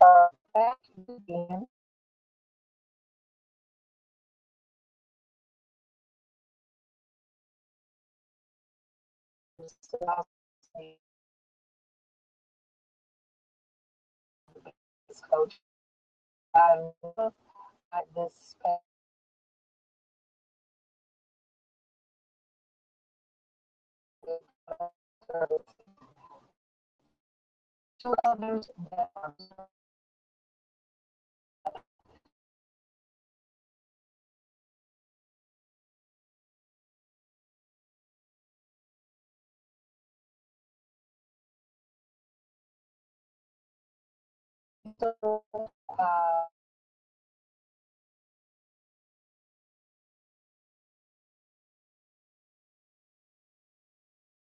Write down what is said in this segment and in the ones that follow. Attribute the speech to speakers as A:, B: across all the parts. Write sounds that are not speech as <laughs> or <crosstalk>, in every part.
A: Uh, back again, so coach. I love that this service. Two elders that are so, uh,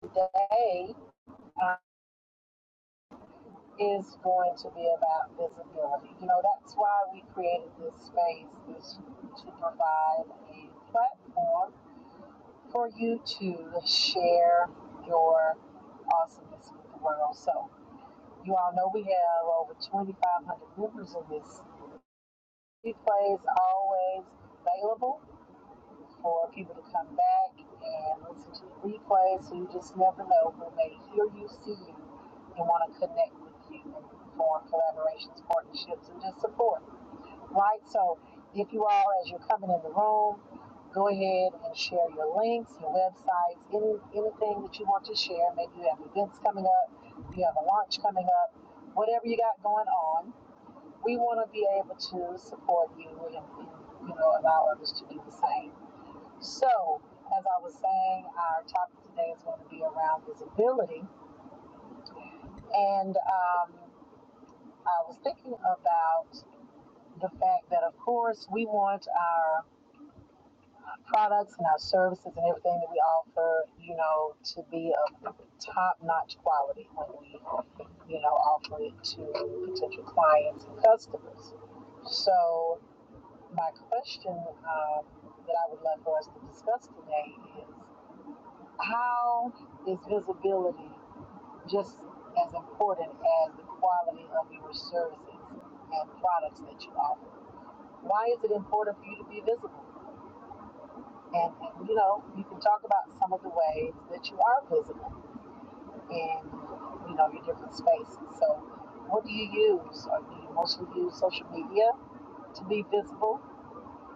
A: today uh, is going to be about visibility. You know, that's why we created this space is to provide a platform for you to share your awesomeness with the world. So You all know we have over 2,500 members in this. Replay is always available for people to come back and listen to the replay. So you just never know when they hear you, see you, and want to connect with you and form collaborations, partnerships, and just support right? So if you all, as you're coming in the room, go ahead and share your links, your websites, any anything that you want to share. Maybe you have events coming up, you have a launch coming up, whatever you got going on. We want to be able to support you and, and you know allow others to do the same. So as I was saying, our topic today is going to be around visibility, and um, I was thinking about the fact that of course we want our products and our services and everything that we offer, you know, to be of top-notch quality when we, you know, offer it to potential clients and customers. So my question um, that I would love for us to discuss today is how is visibility just as important as the quality of your services and products that you offer? Why is it important for you to be visible? And, and you know, you can talk about some of the ways that you are visible in you know your different spaces. So, what do you use? Or do you mostly use social media to be visible?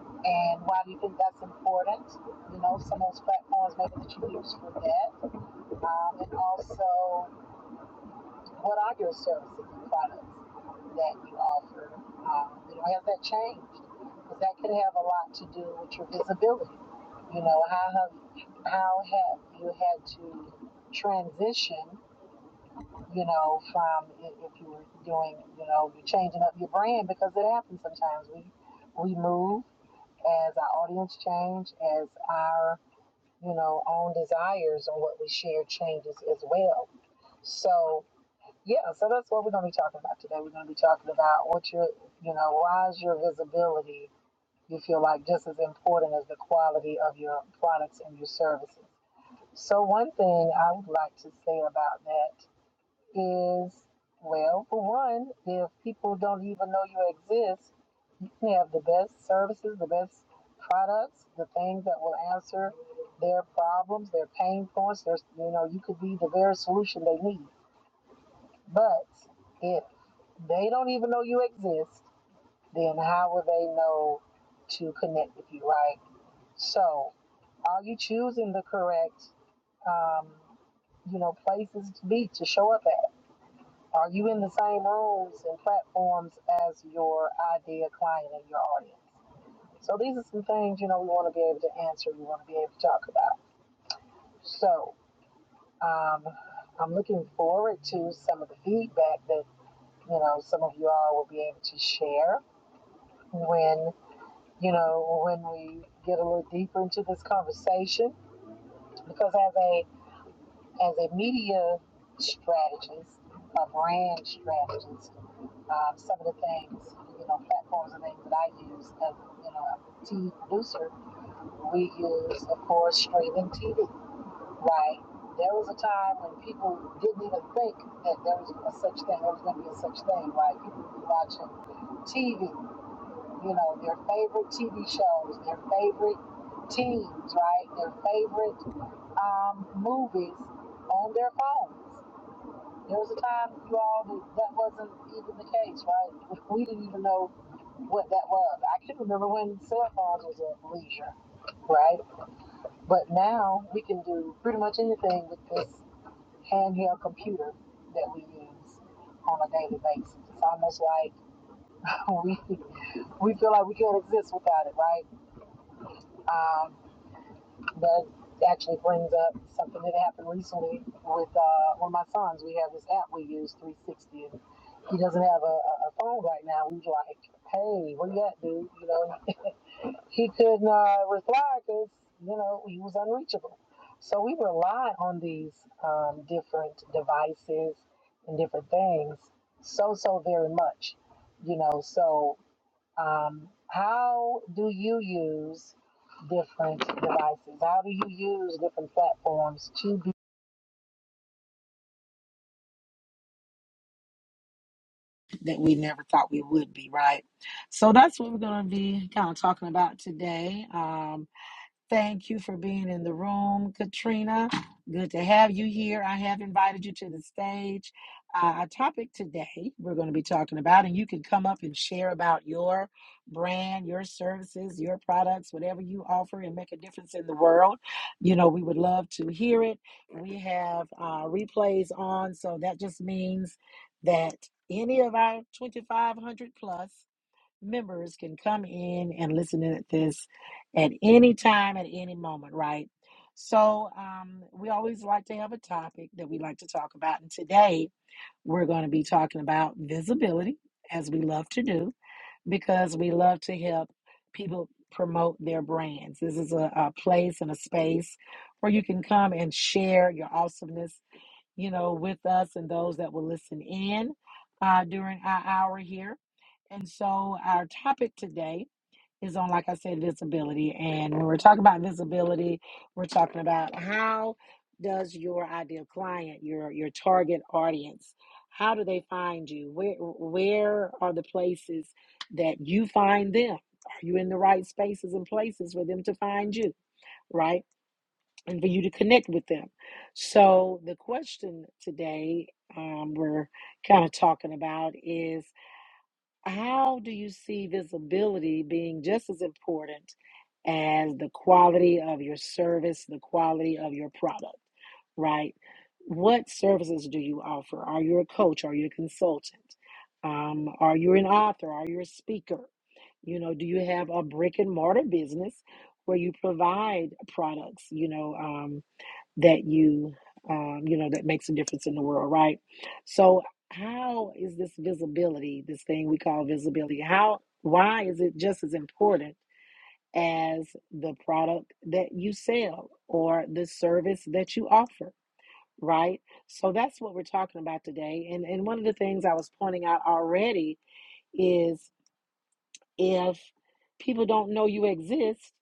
A: And why do you think that's important? You know, some of those platforms maybe that you use for that. Um, and also, What are your services and products that you offer? Um, you know, has that changed? Because that could have a lot to do with your visibility. You know, how have how have you had to transition? You know, from i- if you were doing, you know, you're changing up your brand because it happens sometimes. We we move as our audience change, as our you know own desires and what we share changes as well. So yeah, so that's what we're going to be talking about today. We're going to be talking about what your, you know, why is your visibility you feel like just as important as the quality of your products and your services. So one thing I would like to say about that is, well, for one, if people don't even know you exist, you can have the best services, the best products, the things that will answer their problems, their pain points. There's, you know, you could be the very solution they need but if they don't even know you exist, then how will they know to connect with you, right? So, are you choosing the correct, um, you know, places to be to show up at? Are you in the same rooms and platforms as your ideal client and your audience? So these are some things you know we want to be able to answer. We want to be able to talk about. So um, I'm looking forward to some of the feedback that. you know, some of you all will be able to share when, you know, when we get a little deeper into this conversation. Because as a as a media strategist, a brand strategist, um, some of the things, you know, platforms and things that I use as, you know, a TV producer, we use, of course, streaming TV, right? There was a time when people didn't even think that there was a such thing, there was going to be a such thing, right? People would be watching TV. you know, their favorite TV shows, their favorite teams, right? Their favorite um, movies on their phones. There was a time, you all, that, that wasn't even the case, right? We didn't even know what that was. I can remember when cell phones was a leisure, right? But now we can do pretty much anything with this handheld computer that we use on a daily basis. It's almost like we we feel like we can't exist without it, right? Um, That actually brings up something that happened recently with uh, one of my sons. We have this app we use, 360, and he doesn't have a, a a phone right now. We was like, hey, where you at, dude? You know, he couldn't uh, reply because, you know, he was unreachable. So we rely on these um, different devices and different things so, so very much, you know, so. Um, how do you use different devices? How do you use different platforms to be that we never thought we would be, right? So that's what we're going to be kind of talking about today. Um, Thank you for being in the room, Katrina. Good to have you here. I have invited you to the stage. Uh, our topic today we're going to be talking about, and you can come up and share about your brand, your services, your products, whatever you offer and make a difference in the world. You know, we would love to hear it. We have uh, replays on, so that just means that any of our 2,500 plus members can come in and listen in at this at any time, at any moment, right? So um, we always like to have a topic that we like to talk about. And today we're going to be talking about visibility, as we love to do, because we love to help people promote their brands. This is a, a place and a space where you can come and share your awesomeness, you know, with us and those that will listen in uh, during our hour here. And so our topic today is on, like I said, visibility. And when we're talking about visibility, we're talking about how does your ideal client, your your target audience, how do they find you? Where where are the places that you find them? Are you in the right spaces and places for them to find you? Right, and for you to connect with them. So the question today um, we're kind of talking about is. How do you see visibility being just as important as the quality of your service, the quality of your product, right? What services do you offer? Are you a coach? Are you a consultant? Um, are you an author? Are you a speaker? You know, do you have a brick and mortar business where you provide products? You know, um that you um, you know that makes a difference in the world right so how is this visibility this thing we call visibility how why is it just as important as the product that you sell or the service that you offer right so that's what we're talking about today and and one of the things i was pointing out already is if people don't know you exist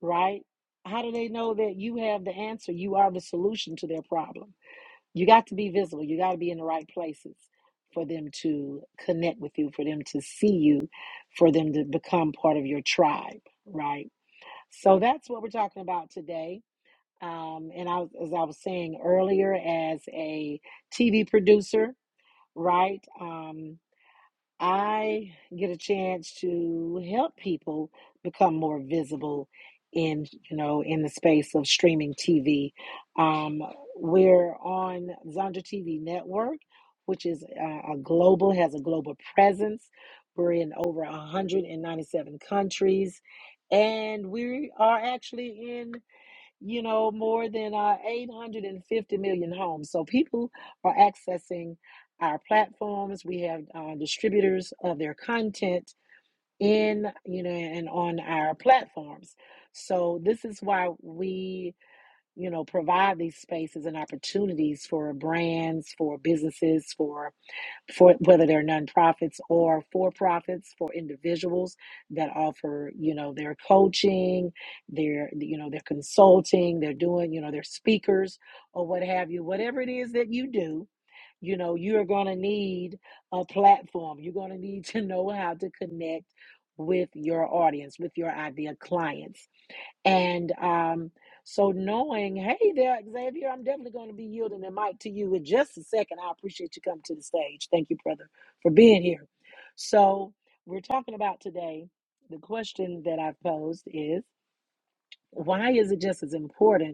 A: right how do they know that you have the answer you are the solution to their problem you got to be visible. You got to be in the right places for them to connect with you, for them to see you, for them to become part of your tribe, right? So that's what we're talking about today. Um, and I, as I was saying earlier, as a TV producer, right? Um. I get a chance to help people become more visible in you know in the space of streaming TV. Um, we're on Zonda TV Network, which is uh, a global has a global presence. We're in over 197 countries, and we are actually in you know, more than uh, 850 million homes. So people are accessing our platforms. We have uh, distributors of their content in, you know, and on our platforms. So this is why we, you know, provide these spaces and opportunities for brands, for businesses, for for whether they're nonprofits or for profits for individuals that offer you know their coaching their you know their consulting they're doing you know their speakers or what have you whatever it is that you do you know you're going to need a platform you're going to need to <laughs> know how to connect with your audience with your ideal clients and um, so knowing, hey there, Xavier, I'm definitely going to be yielding the mic to you in just a second. I appreciate you coming to the stage. Thank you, brother, for being here. So we're talking about today. The question that I've posed is why is it just as important?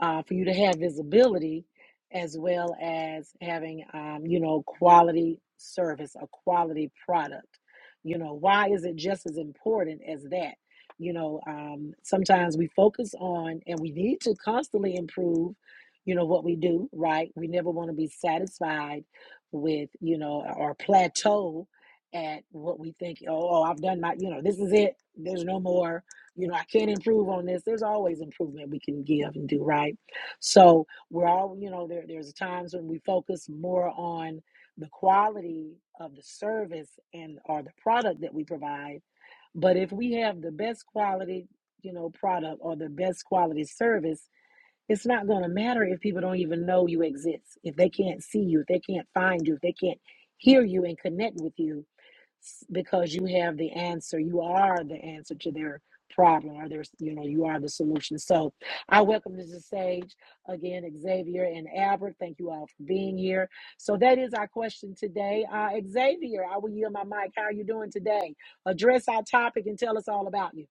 A: uh, for you to have visibility as well as having um, you know quality service a quality product you know why is it just as important as that you know um, sometimes we focus on and we need to constantly improve you know what we do right we never want to be satisfied with you know or plateau at what we think oh, oh i've done my you know this is it there's no more you know, I can't improve on this. There's always improvement we can give and do, right? So we're all, you know, there there's times when we focus more on the quality of the service and or the product that we provide. But if we have the best quality, you know, product or the best quality service, it's not going to matter if people don't even know you exist. If they can't see you, if they can't find you, if they can't hear you and connect with you, s- because you have the answer. You are the answer to their problem, or their, you know, you are the solution. So I welcome Mrs. Sage again, Xavier and Albert. Thank you all for being here. So that is our question today. Uh, Xavier, I will yield my mic. How are you doing today? Address our topic and tell us all about you.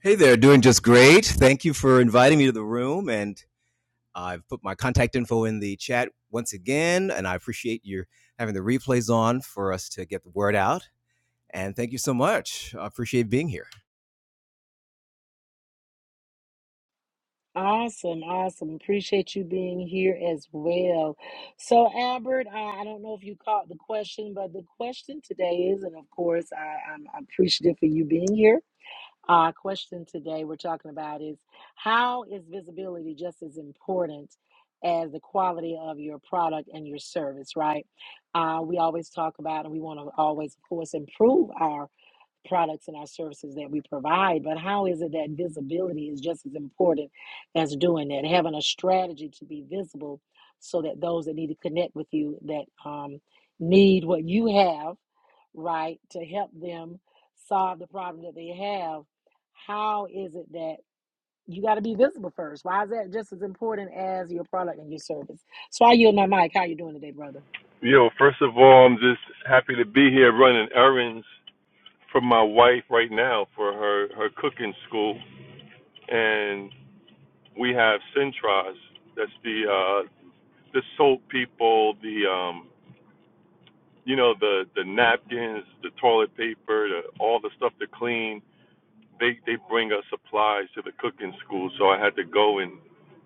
B: Hey there, doing just great. Thank you for inviting me to the room. And I've put my contact info in the chat once again. And I appreciate you having the replays on for us to get the word out. And thank you so much. I appreciate being here.
A: Awesome, awesome. Appreciate you being here as well. So, Albert, uh, I don't know if you caught the question, but the question today is, and of course, I, I'm appreciative for you being here uh, question today we're talking about is how is visibility just as important as the quality of your product and your service, right? Uh, we always talk about, and we want to always, of course, improve our products and our services that we provide, but how is it that visibility is just as important as doing that? Having a strategy to be visible so that those that need to connect with you, that um, need what you have, right, to help them solve the problem that they have, how is it that you got to be visible first? Why is that just as important as your product and your service? So I yield my mic. How you doing today, brother?
C: Yo, first of all, I'm just happy to be here running errands for my wife right now for her her cooking school, and we have Centros. That's the uh, the soap people, the um, you know the the napkins, the toilet paper, the, all the stuff to clean. They they bring us supplies to the cooking school, so I had to go and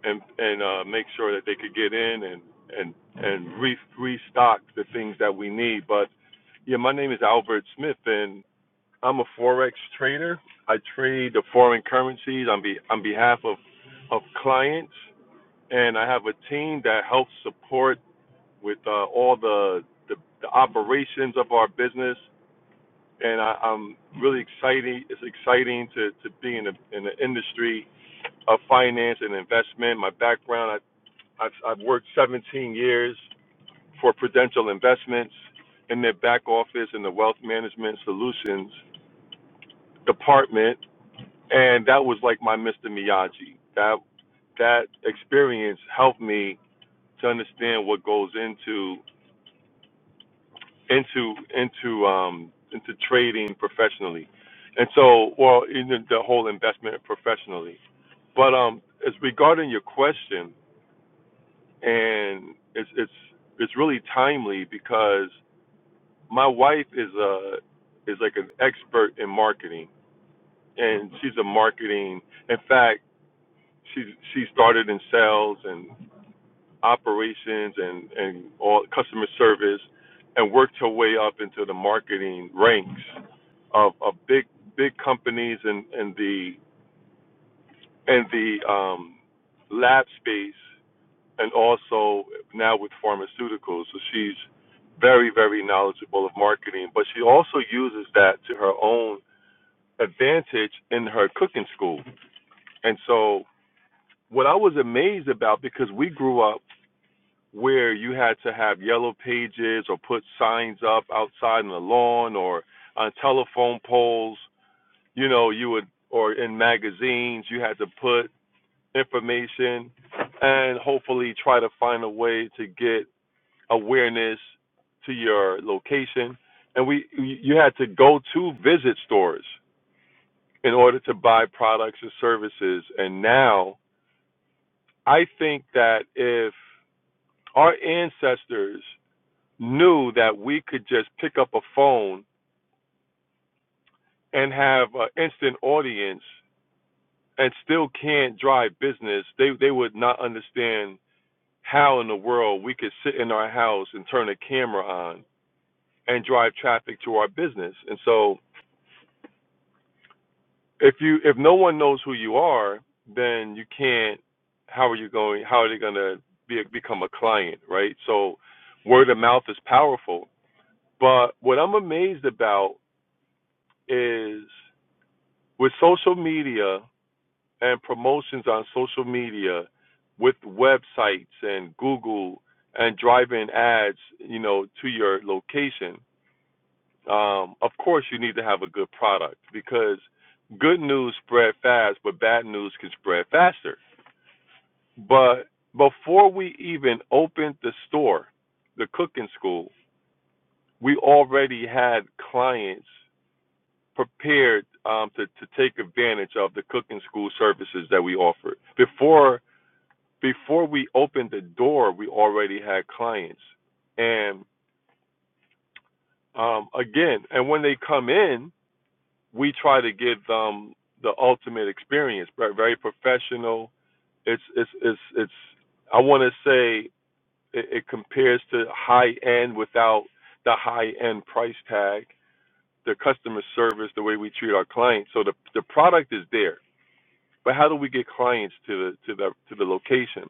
C: and and uh, make sure that they could get in and and and re restock the things that we need, but Yeah, my name is Albert Smith, and I'm a forex trader. I trade the foreign currencies on be on behalf of of clients, and I have a team that helps support with uh, all the, the the operations of our business. And I, I'm really excited. It's exciting to to be in the in the industry of finance and investment. My background, I, I've I've worked 17 years for Prudential Investments in their back office in the wealth management solutions department, and that was like my Mr. Miyagi. That that experience helped me to understand what goes into into into um into trading professionally, and so well in the, the whole investment professionally. But um, as regarding your question, and it's it's it's really timely because my wife is a is like an expert in marketing, and she's a marketing. In fact She she started in sales and operations and and all customer service, and worked her way up into the marketing ranks of, of big big companies and and the and the um, lab space, and also now with pharmaceuticals. So she's very very knowledgeable of marketing, but she also uses that to her own advantage in her cooking school. And so what I was amazed about because we grew up where you had to have yellow pages or put signs up outside on the lawn or on telephone poles, you know, you would or in magazines you had to put information and hopefully try to find a way to get awareness to your location. And we you had to go to visit stores in order to buy products and services. And now I think that if our ancestors knew that we could just pick up a phone and have an instant audience and still can't drive business, they they would not understand how in the world we could sit in our house and turn a camera on and drive traffic to our business. And so if you if no one knows who you are, then you can't how are you going how are they going to be become a client, right? So word of mouth is powerful. But what I'm amazed about is with social media and promotions on social media with websites and google and driving ads you know to your location um, of course you need to have a good product because good news spread fast but bad news can spread faster but before we even opened the store the cooking school we already had clients prepared um, to to take advantage of the cooking school services that we offered. Before before we opened the door, we already had clients, and um, again, and when they come in, we try to give them the ultimate experience, but very professional. It's it's it's it's. I want to say it, it compares to high end without the high end price tag. The customer service, the way we treat our clients, so the the product is there But how do we get clients to the to the to the location?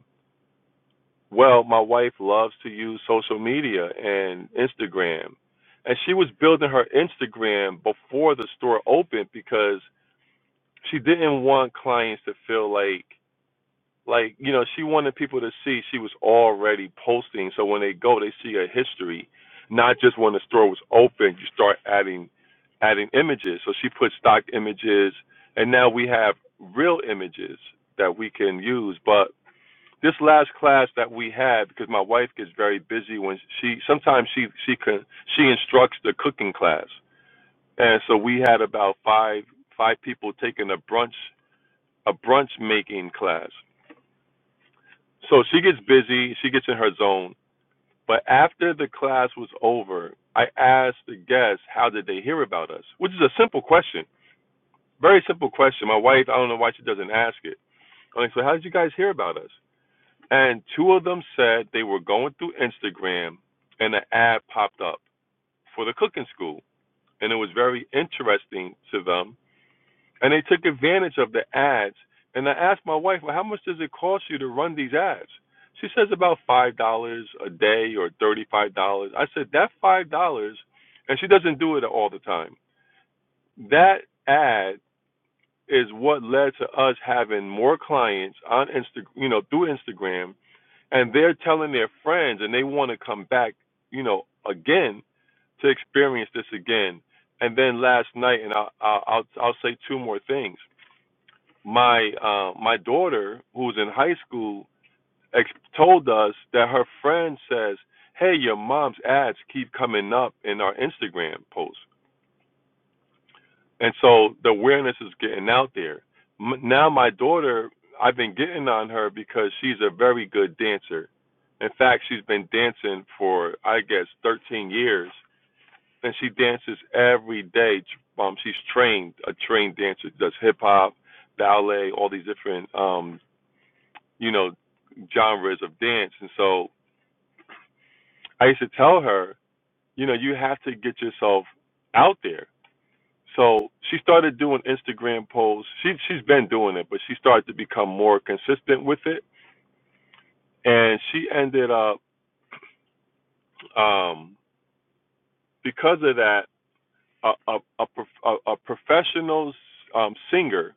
C: Well, my wife loves to use social media and Instagram. And she was building her Instagram before the store opened because she didn't want clients to feel like like you know she wanted people to see she was already posting so when they go they see a history not just when the store was open you start adding adding images so she put stock images and now we have real images that we can use but this last class that we had because my wife gets very busy when she sometimes she she can she instructs the cooking class and so we had about five five people taking a brunch a brunch making class so she gets busy, she gets in her zone. But after the class was over, I asked the guests how did they hear about us, which is a simple question, very simple question. My wife, I don't know why she doesn't ask it. I'm like, so how did you guys hear about us? And two of them said they were going through Instagram and an ad popped up for the cooking school. And it was very interesting to them and they took advantage of the ads. And I asked my wife, well, how much does it cost you to run these ads? She says about five dollars a day or thirty-five dollars. I said that five dollars, and she doesn't do it all the time. That ad is what led to us having more clients on Insta, you know, through Instagram, and they're telling their friends, and they want to come back, you know, again to experience this again. And then last night, and I'll I'll I'll, I'll say two more things my uh, my daughter, who's in high school, ex- told us that her friend says, "Hey, your mom's ads keep coming up in our Instagram posts," and so the awareness is getting out there. M- now my daughter, I've been getting on her because she's a very good dancer. In fact, she's been dancing for I guess 13 years, and she dances every day. Um, she's trained a trained dancer, does hip hop, ballet, all these different um, you know, genres of dance. And so I used to tell her, you know, you have to get yourself out there. So she started doing Instagram posts. She she's been doing it, but she started to become more consistent with it. And she ended up um because of that a a a, prof- a, a professional um singer,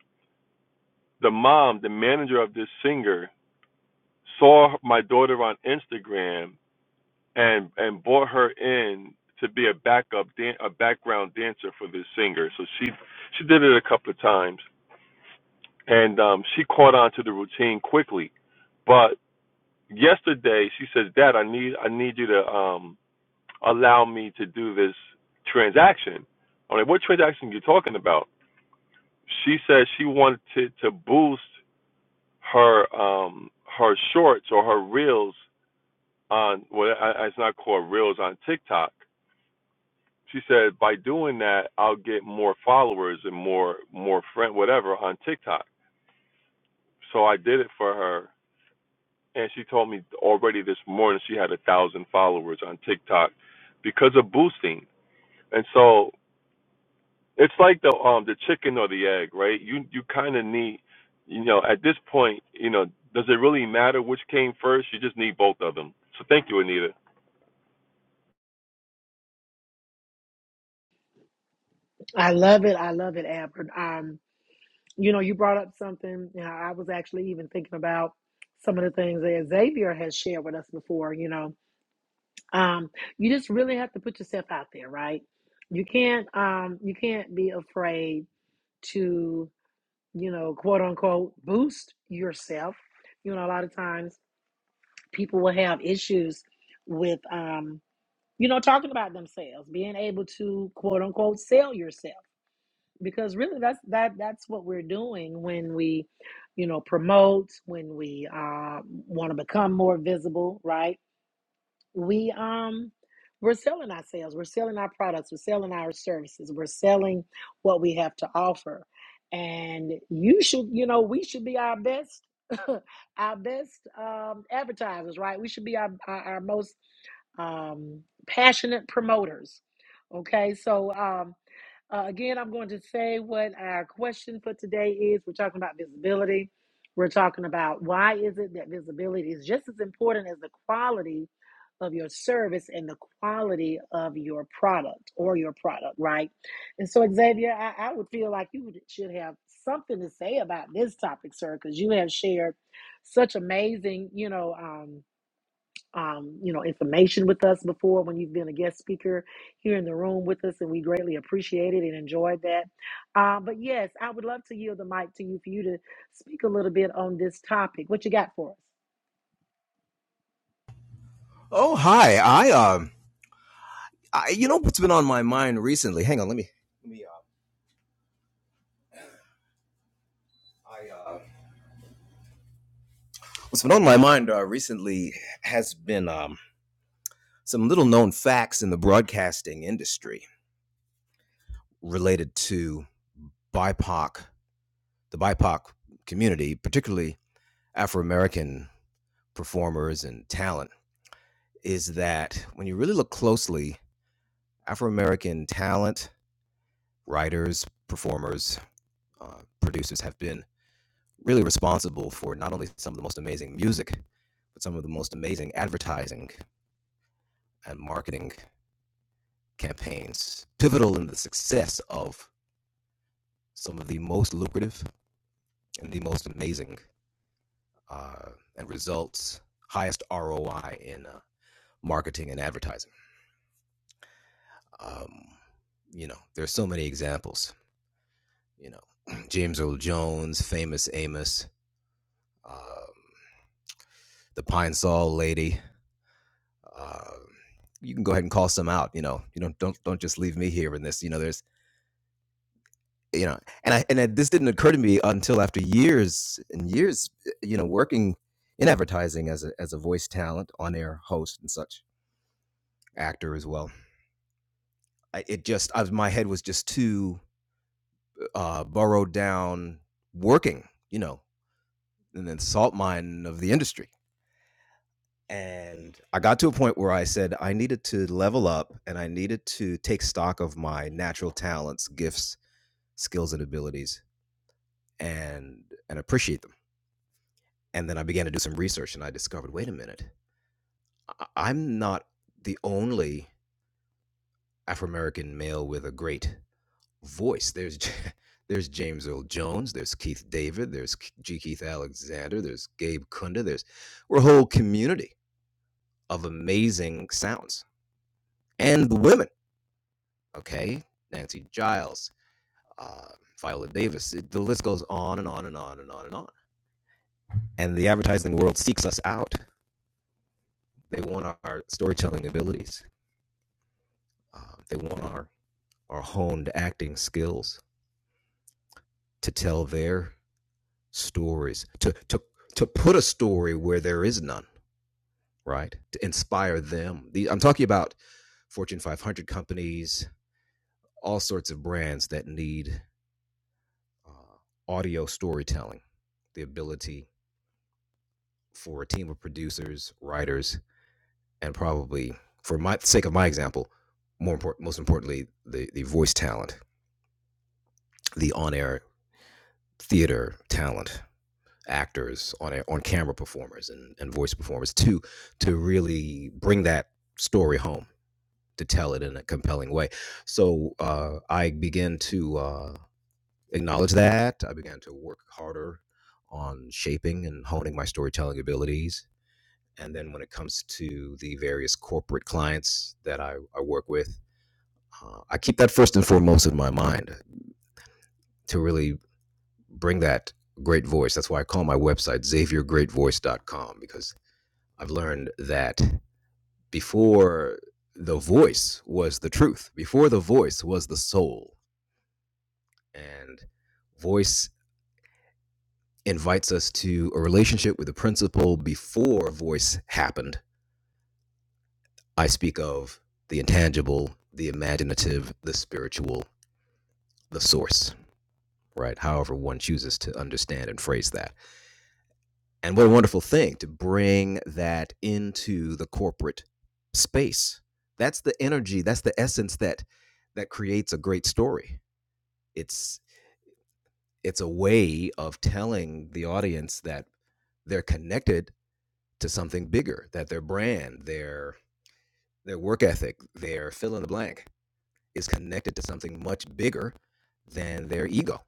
C: the mom, the manager of this singer saw my daughter on Instagram and and brought her in to be a backup dan- a background dancer for this singer. So she she did it a couple of times, and um, she caught on to the routine quickly. But yesterday she says, "Dad, I need I need you to um, allow me to do this transaction." I'm like, "What transaction are you talking about?" She says she wanted to, to boost her um, her shorts or her reels on well, I- I- it's not called reels on TikTok She said, by doing that, I'll get more followers and more more friend whatever on TikTok. So I did it for her, and she told me already this morning she had a thousand followers on TikTok because of boosting. And so it's like the um the chicken or the egg, right? You you kind of need, you know, at this point, you know, does it really matter which came first? You just need both of them. So thank you, Anita.
A: I love it. I love it, Albert. Um, you know, you brought up something. You know, I was actually even thinking about some of the things that Xavier has shared with us before. You know, um, you just really have to put yourself out there, right? You can't, um, you can't be afraid to, you know, quote unquote, boost yourself. You know, a lot of times people will have issues with, um, you know, talking about themselves, being able to quote unquote sell yourself because really that's that that's what we're doing when we you know promote when we uh, want to become more visible right we um we're selling ourselves we're selling our products we're selling our services we're selling what we have to offer and you should you know we should be our best <laughs> our best um, advertisers right we should be our our, our most um, passionate promoters okay so um uh, again, I'm going to say what our question for today is. We're talking about visibility. We're talking about why is it that visibility is just as important as the quality of your service and the quality of your product or your product, right? And so, Xavier, I, I would feel like you should have something to say about this topic, sir, because you have shared such amazing, you know. um, um, you know, information with us before when you've been a guest speaker here in the room with us, and we greatly appreciate it and enjoyed that. Uh, but yes, I would love to yield the mic to you for you to speak a little bit on this topic. What you got for us?
B: Oh, hi. I, um, I, you know what's been on my mind recently? Hang on, let me. Let me. Uh, I, uh, what's been on my mind uh, recently has been um, some little known facts in the broadcasting industry related to BIPOC, the BIPOC community, particularly Afro American performers and talent is that when you really look closely, Afro American talent, writers, performers, uh, producers have been really responsible for not only some of the most amazing music, but some of the most amazing advertising and marketing campaigns, pivotal in the success of some of the most lucrative and the most amazing uh, and results highest ROI in uh, marketing and advertising. Um, you know, there's so many examples. You know, <clears throat> James Earl Jones, famous Amos, um, the Pine Sol lady. Um, you can go ahead and call some out. You know, you don't don't don't just leave me here in this. You know, there's you know, and I and I, this didn't occur to me until after years and years, uh, you know, working in advertising as a as a voice talent, on air host and such, actor as well. I, it just I, was- my head was just too uh, burrowed down working. You know, an insult mine of the industry. And I got to a point where I said I needed to level up and I needed to take stock of my natural talents, gifts, skills, and abilities and and appreciate them. And then I began to do some research and I discovered, wait a minute, I- am not the only Afro American male with a great voice. There's <laughs> there's James Earl Jones, there's Keith David, there's K- G. Keith Alexander, there's Gabe Kunda, there's we're a whole community of amazing sounds and the women. Okay, Nancy Giles, uh, Viola Davis. It, the list goes on and on and on and on and on. And the advertising world seeks us out. They want our, our storytelling abilities. Uh, they want our our honed acting skills to tell their stories. To to to put a story where there is none. Right. To inspire them. The, I'm talking about Fortune 500 companies, all sorts of brands that need uh, audio storytelling, the ability for a team of producers, writers, and probably for my sake of my example, more important, most importantly, the the voice talent, the on air theater talent, actors, on air, on camera performers, and and voice performers to to really bring that story home to tell it in a compelling way. So uh, I began to uh, acknowledge that. I began to work harder on shaping and honing my storytelling abilities And then when it comes to the various corporate clients that I, I work with, uh, I keep that first and foremost in my mind to really bring that great voice. That's why I call my website xaviergreatvoice.com because I've learned that before the voice was the truth, before the voice was the soul. And voice invites us to a relationship with the principle before voice happened. I speak of the intangible, the imaginative, the spiritual, the source, right? However, one chooses to understand and phrase that. And what a wonderful thing to bring that into the corporate space. That's the energy, that's the essence that that creates a great story. It's it's a way of telling the audience that they're connected to something bigger, that their brand, their their work ethic, their fill in the blank is connected to something much bigger than their ego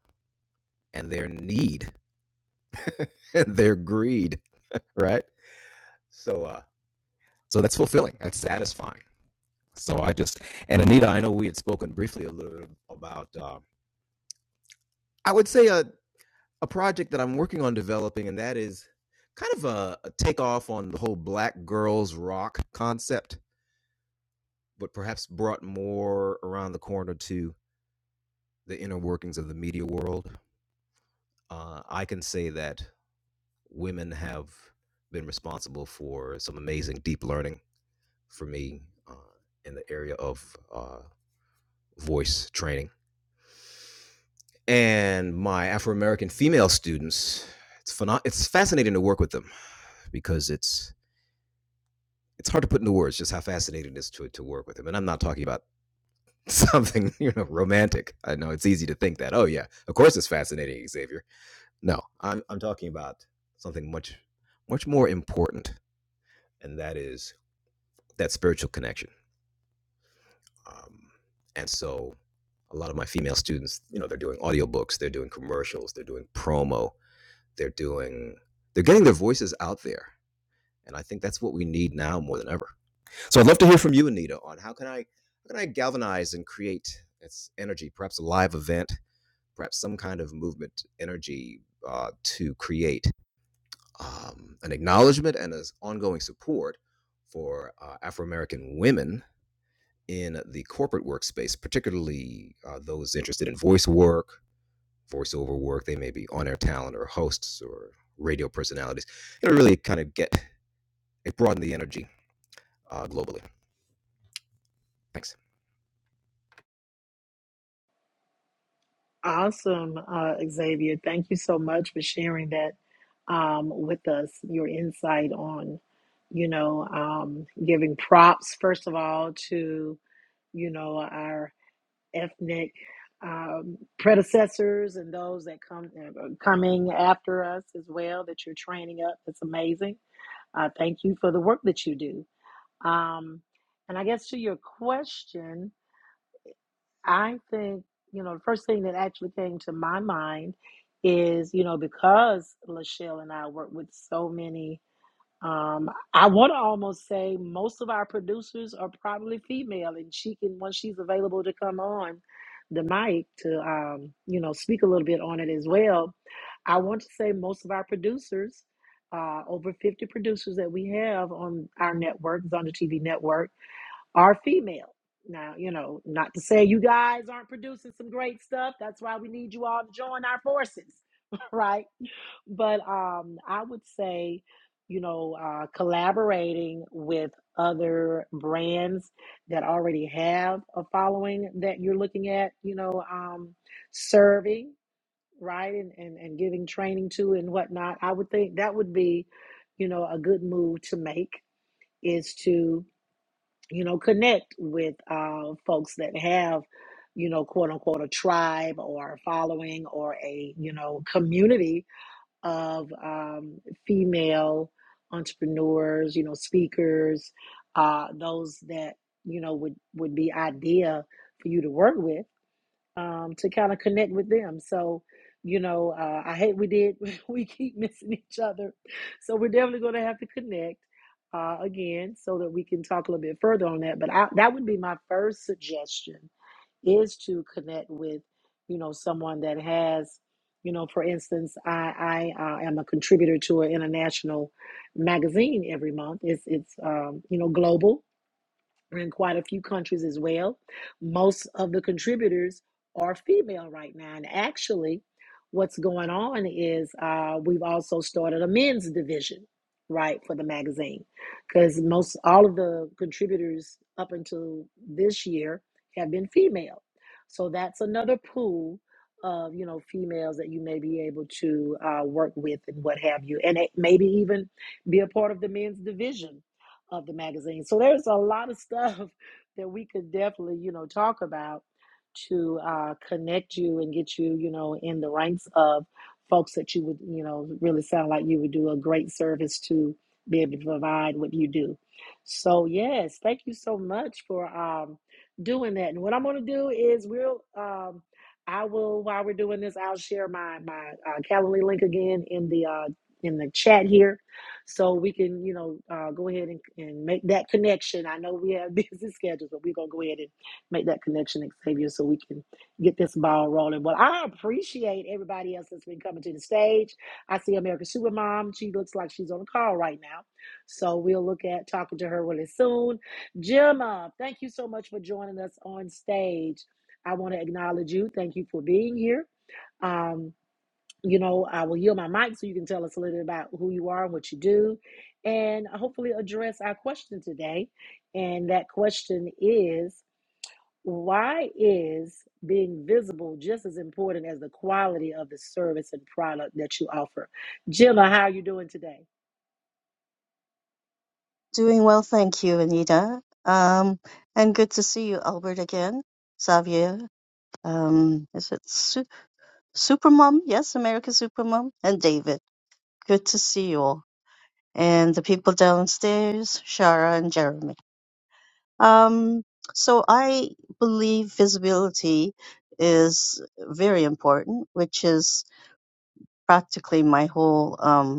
B: and their need <laughs> and their greed right? So uh so that's fulfilling. That's satisfying. So I just and Anita, I know we had spoken briefly a little bit about uh, I would say a a project that I'm working on developing, and that is kind of a, a takeoff on the whole black girls rock concept, but perhaps brought more around the corner to the inner workings of the media world. Uh, I can say that women have been responsible for some amazing deep learning for me uh, in the area of uh, voice training. And my Afro American female students, it's pheno- it's fascinating to work with them because it's it's hard to put into words just how fascinating it is to to work with them. And I'm not talking about <laughs> something you know romantic. I know it's easy to think that. Oh yeah, of course it's fascinating, Xavier. No, I'm I'm talking about something much much more important, and that is that spiritual connection. Um, and so a lot of my female students, you know, they're doing audiobooks, they're doing commercials, they're doing promo, they're doing they're getting their voices out there and i think that's what we need now more than ever so i'd love to hear from you anita on how can i how can i galvanize and create this energy perhaps a live event perhaps some kind of movement energy uh, to create um, an acknowledgement and as ongoing support for uh, afro american women in the corporate workspace particularly uh, those interested in voice work voiceover work. They may be on-air talent or hosts or radio personalities. It'll really kind of get it broaden the energy uh, globally. Thanks.
A: Awesome, uh, Xavier. Thank you so much for sharing that um, with us. Your insight on, you know, um, giving props first of all to you know, our ethnic um, predecessors and those that come uh, coming after us as well that you're training up. That's amazing. Uh, thank you for the work that you do. Um, and I guess to your question, I think you know the first thing that actually came to my mind is you know because Lachelle and I work with so many um, I want to almost say most of our producers are probably female, and she can once she's available to come on the mic to um, you know speak a little bit on it as well. I want to say most of our producers, uh, over fifty producers that we have on our network, Zonda TV network, are female. Now you know, not to say you guys aren't producing some great stuff. That's why we need you all to join our forces, <laughs> right? but um, I would say, you know, uh, collaborating with other brands that already have a following that you're looking at, you know, um, serving, right, and, and and giving training to and whatnot. I would think that would be, you know, a good move to make is to, you know, connect with uh, folks that have. You know, quote unquote, a tribe or a following or a you know community of um, female entrepreneurs, you know, speakers, uh, those that you know would would be idea for you to work with um, to kind of connect with them. So, you know, uh, I hate we did, <laughs> we keep missing each other. So, we're definitely going to have to connect uh, again so that we can talk a little bit further on that. But I, that would be my first suggestion is to connect with, you know, someone that has, you know, for instance, I, I uh, am a contributor to an international magazine every month. It's, it's um, you know, global in quite a few countries as well. Most of the contributors are female right now. And actually, what's going on is uh, we've also started a men's division, right, for the magazine. Because most all of the contributors up until this year have been female. So that's another pool of you know females that you may be able to uh, work with and what have you and it maybe even be a part of the men's division of the magazine. So there's a lot of <laughs> stuff that we could definitely, you know, talk about to uh, connect you and get you, you know, in the ranks of folks that you would, you know, really sound like you would do a great service to be able to provide what you do. So yes, thank you so much for um, doing that. And what I'm going to do is we'll. Um, I will while we're doing this, I'll share my my uh, Calendly link again in the uh, in the chat here so we can, you know, uh, go ahead and, and make that connection. I know we have <laughs> busy schedules, but we're going to go ahead and make that connection, Xavier, so we can get this ball rolling. Well, I appreciate everybody else that's been coming to the stage. I see America Supermom. She looks like she's on a call right now. So we'll look at talking to her really soon. Gemma, thank you so much for joining us on stage. I want to acknowledge you. Thank you for being here. Um, you know, I will yield my mic so you can tell us a little bit about who you are and what you do, and hopefully address our question today. And that question is why is being visible just as important as the quality of the service and product that you offer? Gemma, how are you doing today?
D: Doing well, thank you, Anita. Um, and good to see you, Albert, again. Xavier, um, is it Su- Supermom? Yes, America Supermom. And David, good to see you all. And the people downstairs, Shara and Jeremy. Um, so I believe visibility is very important, which is practically my whole um,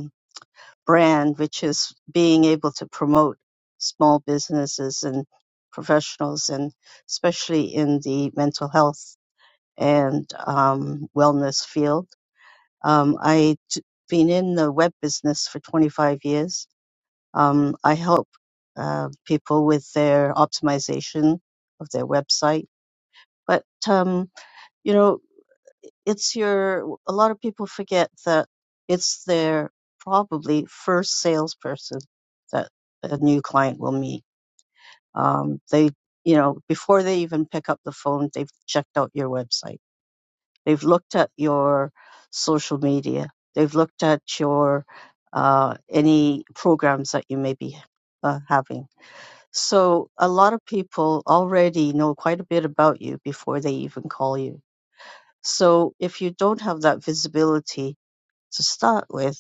D: brand, which is being able to promote small businesses and professionals, and especially in the mental health and um, wellness field. Um, I've been in the web business for 25 years. Um, I help uh, people with their optimization of their website. But um, you know, it's your a lot of people forget that it's their probably first salesperson that a new client will meet um, they you know before they even pick up the phone they've checked out your website they've looked at your social media they've looked at your uh, any programs that you may be uh, having so a lot of people already know quite a bit about you before they even call you so if you don't have that visibility to start with,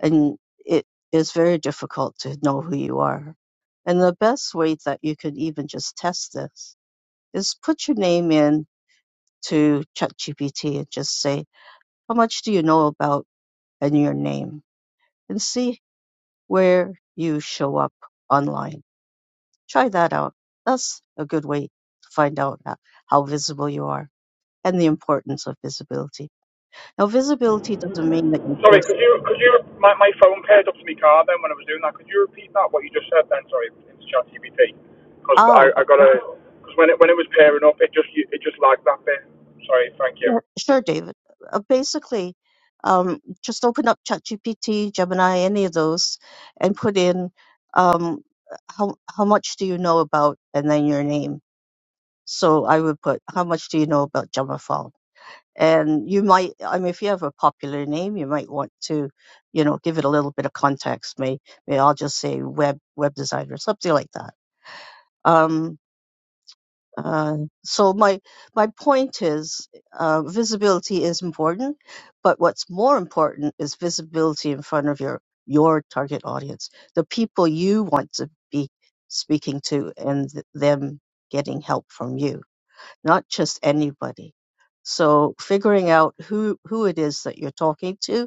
D: and it is very difficult to know who you are. And the best way that you could even just test this is put your name in to ChatGPT and just say, how much do you know about and your name and see where you show up online. Try that out. That's a good way to find out ho- how visible you are and the importance of visibility. Now, visibility doesn't mean that you
E: Sorry,
D: just,
E: could you could you my, my phone paired up to my car then when I was doing that? Could you repeat that what you just said then? Sorry, into ChatGPT because
D: oh,
E: I, I got a because when it when it was pairing up, it just it just lagged that bit. Sorry, thank
D: Yeah,
E: you,
D: sure, David. Uh, basically, um, just open up ChatGPT, Gemini, any of those, and put in um, how how much do you know about, and then your name. So I would put how much do you know about Jamafal, and you might. I mean, if you have a popular name, you might want to, you know, give it a little bit of context. May may I'll just say web web designer, something like that. Um, uh, so my my point is, uh, visibility is important, but what's more important is visibility in front of your your target audience, the people you want to be speaking to, and th- them getting help from you, not just anybody. So figuring out who who it is that you're talking to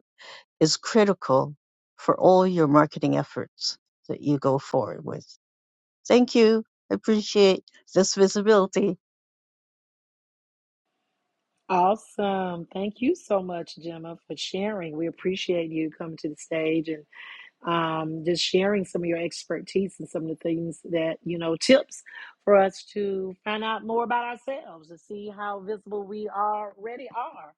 D: is critical for all your marketing efforts that you go forward with. Thank you. I appreciate this visibility.
A: Awesome. Thank you so much, Gemma, for sharing. We appreciate you coming to the stage and. um, just sharing some of your expertise and some of the things that, you know, tips for us to find out more about ourselves to see how visible we already are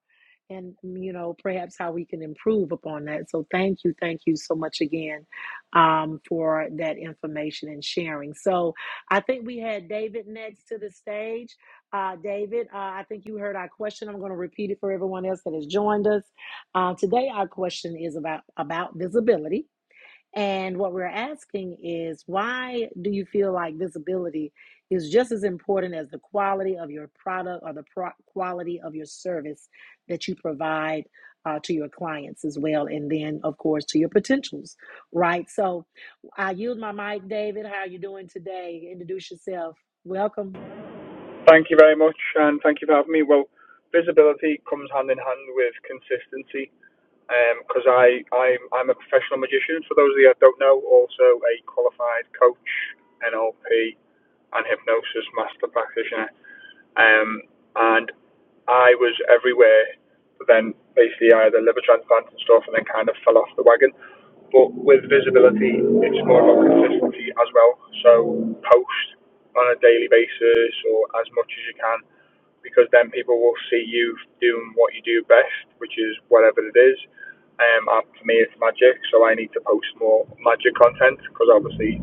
A: and, you know, perhaps how we can improve upon that. So thank you. Thank you so much again um, for that information and sharing. So I think we had David next to the stage. Uh, David, uh, I think you heard our question. I'm going to repeat it for everyone else that has joined us. Uh, today, our question is about, about visibility. And what we're asking is why do you feel like visibility is just as important as the quality of your product or the pro- quality of your service that you provide uh, to your clients as well? And then, of course, to your potentials, right? So I yield my mic, David. How are you doing today? Introduce yourself. Welcome.
E: thank you very much, and thank you for having me. Well, visibility comes hand in hand with consistency. Because um, I I'm I'm a professional magician. For those of you that don't know, also a qualified coach, NLP, and hypnosis master practitioner. Um, and I was everywhere, but then basically I had a liver transplant and stuff, and then kind of fell off the wagon. But with visibility, it's more about consistency as well. So post on a daily basis or as much as you can, because then people will see you doing what you do best, which is whatever it is. Um, and for me, it's magic, so I need to post more magic content because obviously,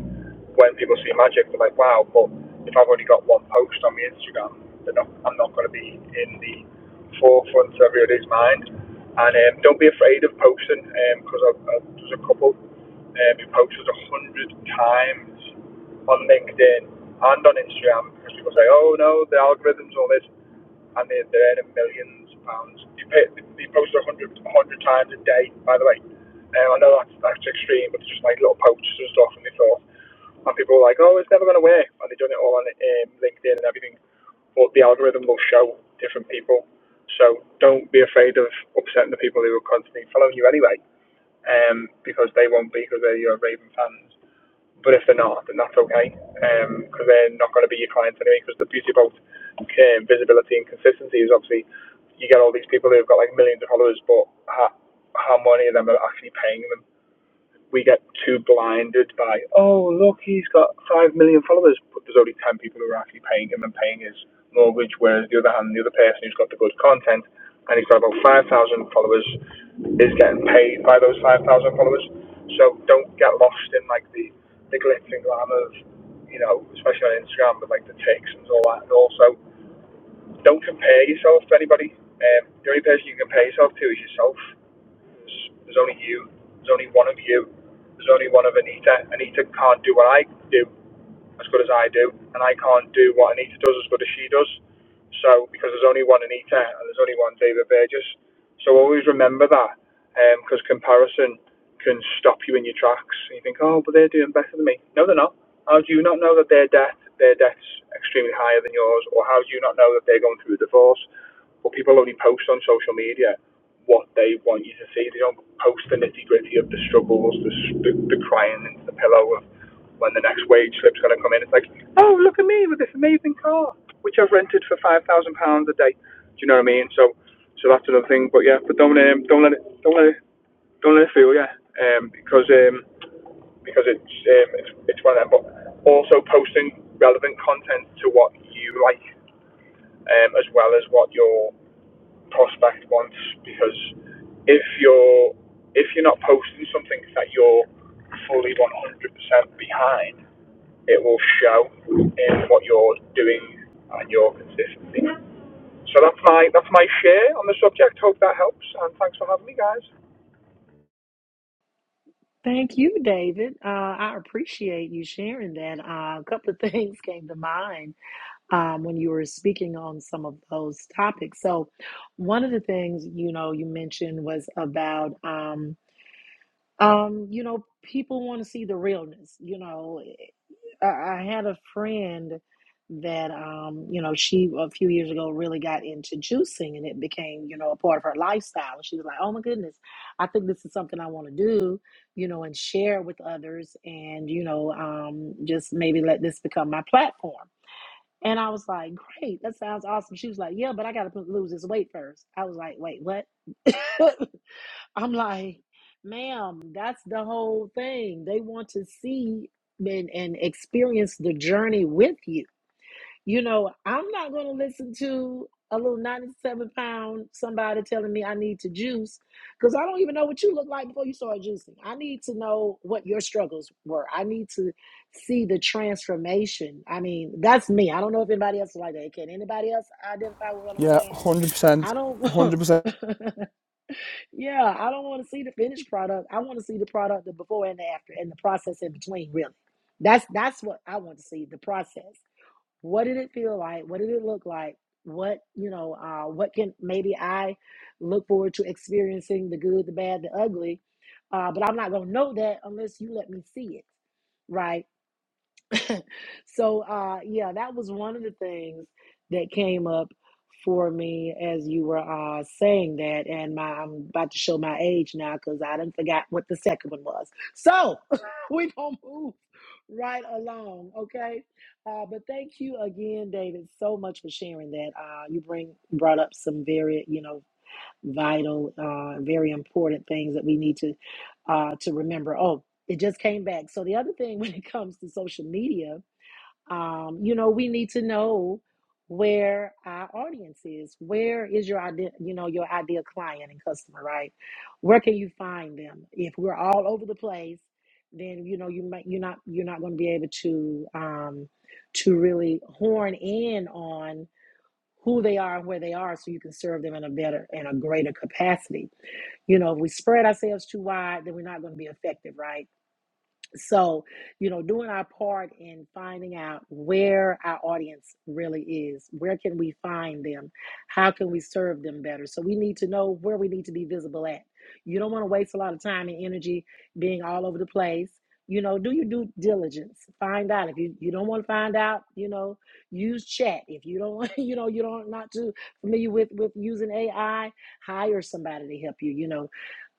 E: when people see magic, they're like, "Wow!" But if I've only got one post on my Instagram, they're not, I'm not going to be in the forefront of everybody's mind. And um, don't be afraid of posting because I, I, there's a couple um, who posted a hundred times on LinkedIn and on Instagram because people say, "Oh no, the algorithms, all this." and they're, they're earning millions of pounds. They, pay, they, they post 100, times a day, by the way. Um, I know that's, that's extreme, but it's just like little poachers and stuff, and they thought, and people were like, oh, it's never going to work, and they've done it all on um, LinkedIn and everything, but the algorithm will show different people. So don't be afraid of upsetting the people who are constantly following you anyway, um, because they won't be because they're your Raven fans. But if they're not, then that's okay because um, they're not going to be your clients anyway. Because the beauty about um, visibility and consistency is obviously you get all these people who've got like millions of followers, but how how many of them are actually paying them we get too blinded by, oh, look, he's got 5 million followers, but there's only 10 people who are actually paying him and paying his mortgage, whereas the other hand, the other person who's got the good content and he's got about 5,000 followers is getting paid by those 5,000 followers. So don't get lost in like the, the glitz and glamour of, you know, especially on Instagram with like the ticks and all that. And also, don't compare yourself to anybody. Um, the only person you can compare yourself to is yourself. There's, only you. There's only one of you. There's only one of Anita. Anita can't do what I do as good as I do, and I can't do what Anita does as good as she does. So because there's only one Anita and there's only one David Burgess, so always remember that because um, comparison can stop you in your tracks. And you think, oh, but they're doing better than me. No, they're not. How do you not know that their debt, their debt's extremely higher than yours, or how do you not know that they're going through a divorce? But people only post on social media what they want you to see. They don't post the nitty gritty of the struggles, the, the, the crying into the pillow of when the next wage slip's going to come in, it's like, oh, look at me with this amazing car, which I've rented for five thousand pounds a day. Do you know what I mean? So, so that's another thing. But yeah, but don't um, don't let it don't let it don't let it feel yeah, um, because um, because it's um, it's it's one of them. But also posting relevant content to what you like, um, as well as what your prospect wants because if you're if you're not posting something that you're fully 100% behind, it will show in what you're doing and your consistency. So that's my that's my share on the subject. Hope that helps, and thanks for having me, guys.
A: Thank you, David. Uh, I appreciate you sharing that. Uh, a couple of <laughs> things came to mind um, when you were speaking on some of those topics. So, one of the things you know you mentioned was about um, um, you know people want to see the realness. You know, I, I had a friend that um, you know she a few years ago really got into juicing, and it became you know a part of her lifestyle. And she was like, "Oh my goodness, I think this is something I want to do." You know, and share with others, and you know, um, just maybe let this become my platform and I was like, great, that sounds awesome. She was like, yeah, but I got to lose this weight first. I was like, wait, what? <laughs> I'm like, ma'am, that's the whole thing. They want to see and, and experience the journey with you. You know, I'm not going to listen to a little 97 pound somebody telling me I need to juice because I don't even know what you look like before you started juicing. I need to know what your struggles were. I need to see the transformation. I mean, that's me. I don't know if anybody else is like that. Can anybody else identify with what I'm
E: Yeah,
A: saying? I
E: 100%.
A: don't,
E: 100%.
A: <laughs> yeah, I don't want to see the finished product. I want to see the product, the before and the after, and the process in between, really. That's that's what I want to see, the process what did it feel like what did it look like what you know uh, what can maybe i look forward to experiencing the good the bad the ugly uh, but i'm not going to know that unless you let me see it right so uh yeah, that was one of the things that came up for me as you were uh saying that and my I'm about to show my age now because I didn't forgot what the second one was. So <laughs> we're gonna move right along, okay? Uh but thank you again, David, so much for sharing that. Uh you bring brought up some very, you know, vital, uh very important things that we need to uh to remember. Oh, it just came back. So the other thing <laughs> when it comes to social media um, you know we need to know where our audience is where is your idea you know your ideal client and customer right where can you find them if we're all over the place then you know you might you're not you're not going to be able to um, to really horn in on who they are and where they are so you can serve them in a better and a greater capacity you know if we spread ourselves too wide then we're not going to be effective right so, you know, doing our part in finding out where our audience really is, where can we find them? How can we serve them better? So, we need to know where we need to be visible at. You don't want to waste a lot of time and energy being all over the place. You know, do your due diligence. Find out if you, you don't want to find out. You know, use chat if you don't. <laughs> You know, you don't not too familiar with with using AI. Hire somebody to help you. You know,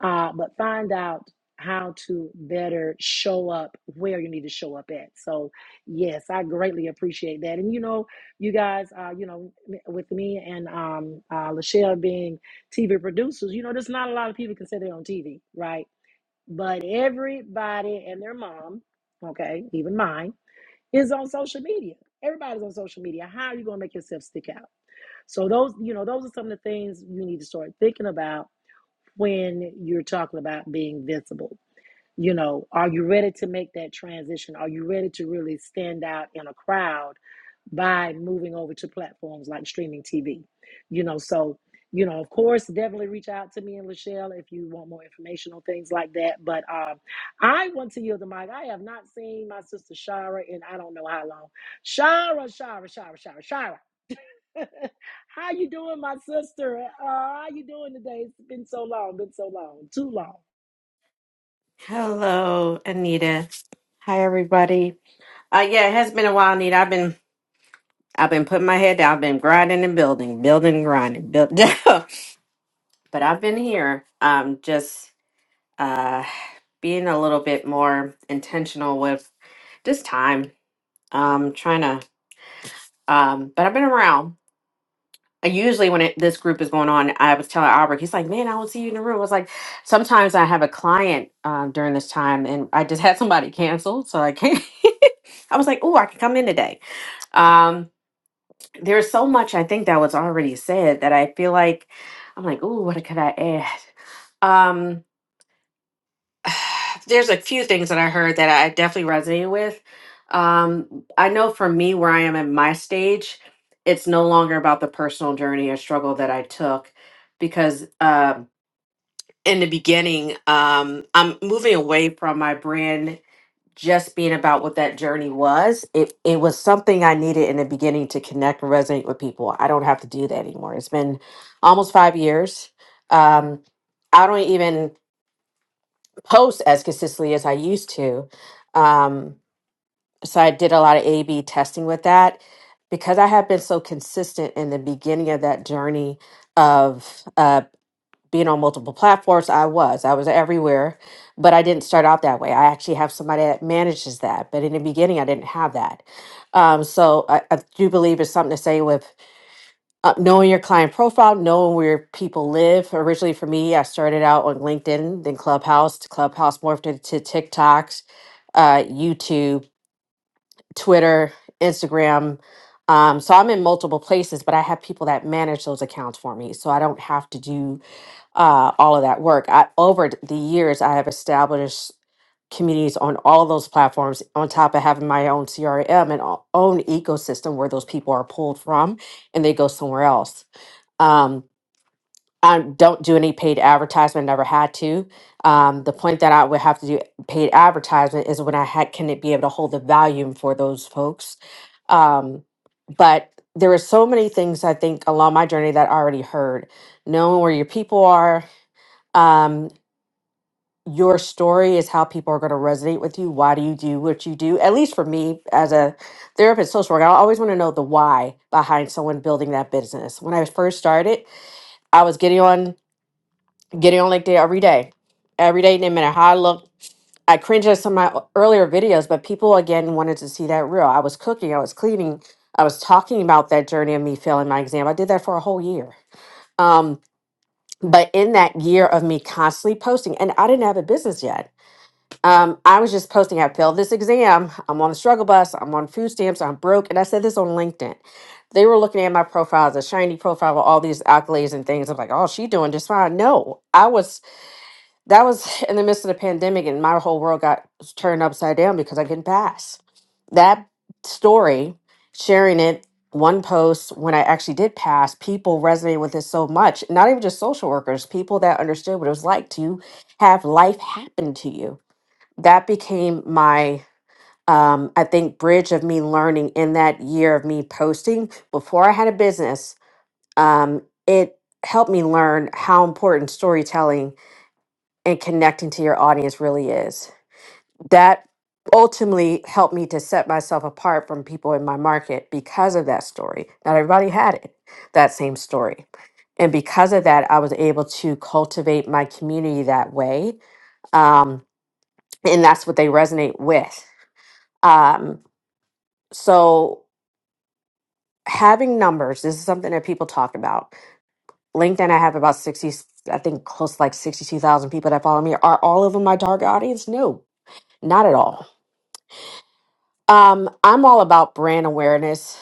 A: uh, but find out how to better show up where you need to show up at. So, yes, I greatly appreciate that. And you know, you guys, uh, you know, m- with me and um, uh, Lachelle being TV producers, you know, there's not a lot of people can say they're on TV, right? But everybody and their mom, okay, even mine, is on social media. Everybody's on social media. How are you going to make yourself stick out? So those, you know, those are some of the things you need to start thinking about when you're talking about being visible you know, are you ready to make that transition? Are you ready to really stand out in a crowd by moving over to platforms like streaming TV? You know, so, you know, of course, definitely reach out to me and Lachelle if you want more information on things like that. But um, I want to yield the mic. I have not seen my sister Shara in I don't know how long. Shara, Shara, Shara, Shara, Shara. <laughs> how you doing, my sister? Uh, how you doing today? It's been so long, been so long, too long.
F: Hello, Anita. Hi, everybody. Uh, yeah, it has been a while, Anita. I've been I've been putting my head down. I've been grinding and building, building, and grinding, build. <laughs> but I've been here, um, just uh, being a little bit more intentional with just time. Um, trying to. Um, but I've been around. I usually when it, this group is going on, I was telling Albert, he's like, "Man, I don't see you in the room." I was like, "Sometimes I have a client um, during this time, and I just <laughs> had somebody canceled, so I can't." <laughs> I was like, "Oh, I can come in today." Um, there's so much I think that was already said that I feel like I'm like, "Oh, what could I add?" Um, <sighs> there's a few things that I heard that I definitely resonate with. Um, I know for me, where I am in my stage, it's no longer about the personal journey or struggle that I took because um in the beginning, um, I'm moving away from my brand just being about what that journey was. It, it was something I needed in the beginning to connect and resonate with people. I don't have to do that anymore. It's been almost five years. Um, I don't even post as consistently as I used to. Um, so I did a lot of A B testing with that because I have been so consistent in the beginning of that journey of uh, being on multiple platforms. I was, I was everywhere, but I didn't start out that way. I actually have somebody that manages that, but in the beginning, I didn't have that. Um, so I, I do believe it's something to say with uh, knowing your client profile, knowing where people live. Originally, for me, I started out on LinkedIn, then Clubhouse. Clubhouse morphed into TikTok, uh, YouTube, Twitter, Instagram. Um, so I'm in multiple places, but I have people that manage those accounts for me, so I don't have to do uh, all of that work. I, over the years, I have established communities on all of those platforms on top of having my own crm and o- own ecosystem where those people are pulled from and they go somewhere else um, I don't do any paid advertisement, never had to. Um, the point that I would have to do paid advertisement is when I had, can it be able to hold the volume for those folks? Um, but there are so many things I think along my journey that I already heard. Knowing where your people are, um, your story is how people are going to resonate with you. Why do you do what you do? At least for me, as a therapist, social worker, I always want to know the why behind someone building that business. When I first started, I was getting on. Getting on like that every day. Every day, no matter how I look. I cringe at some of my earlier videos, but people again wanted to see that real. I was cooking, I was cleaning, I was talking about that journey of me failing my exam. I did that for a whole year. Um, but in that year of me constantly posting, and I didn't have a business yet. Um, I was just posting, I failed this exam, I'm on the struggle bus, I'm on food stamps, I'm broke. And I said this on LinkedIn they were looking at my profile as a shiny profile with all these accolades and things. I'm like, oh, she doing just fine. No, I was that was <laughs> in the midst of the pandemic, and my whole world got turned upside down because I couldn't pass. That story, sharing it, one post when I actually did pass, people resonated with it so much. Not even just social workers, people that understood what it was like to have life happen to you. That became my, um, I think, bridge of me learning in that year of me posting before I had a business. Um, it helped me learn how important storytelling and connecting to your audience really is. That ultimately helped me to set myself apart from people in my market because of that story. Not everybody had it, that same story. And because of that, I was able to cultivate my community that way. Um, and that's what they resonate with. Um, so, having numbers, this is something that people talk about. LinkedIn, I have about 60, I think close to like 62,000 people that follow me. Are all of them my target audience? No, not at all Um, I'm all about brand awareness.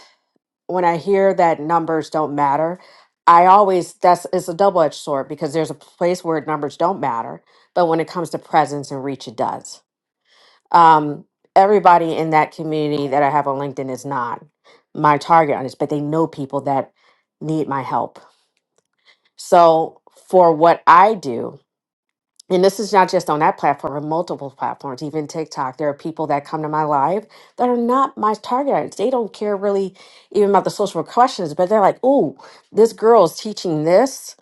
F: When I hear that numbers don't matter, I always that's it's a double edged sword because there's a place where numbers don't matter, but when it comes to presence and reach, it does. Um, everybody in that community that I have on LinkedIn is not my target audience, but they know people that need my help. So for what I do, and this is not just on that platform, on multiple platforms, even TikTok. There are people that come to my live that are not my target audience. They don't care really even about the social questions, but they're like, "Oh, this girl is teaching this.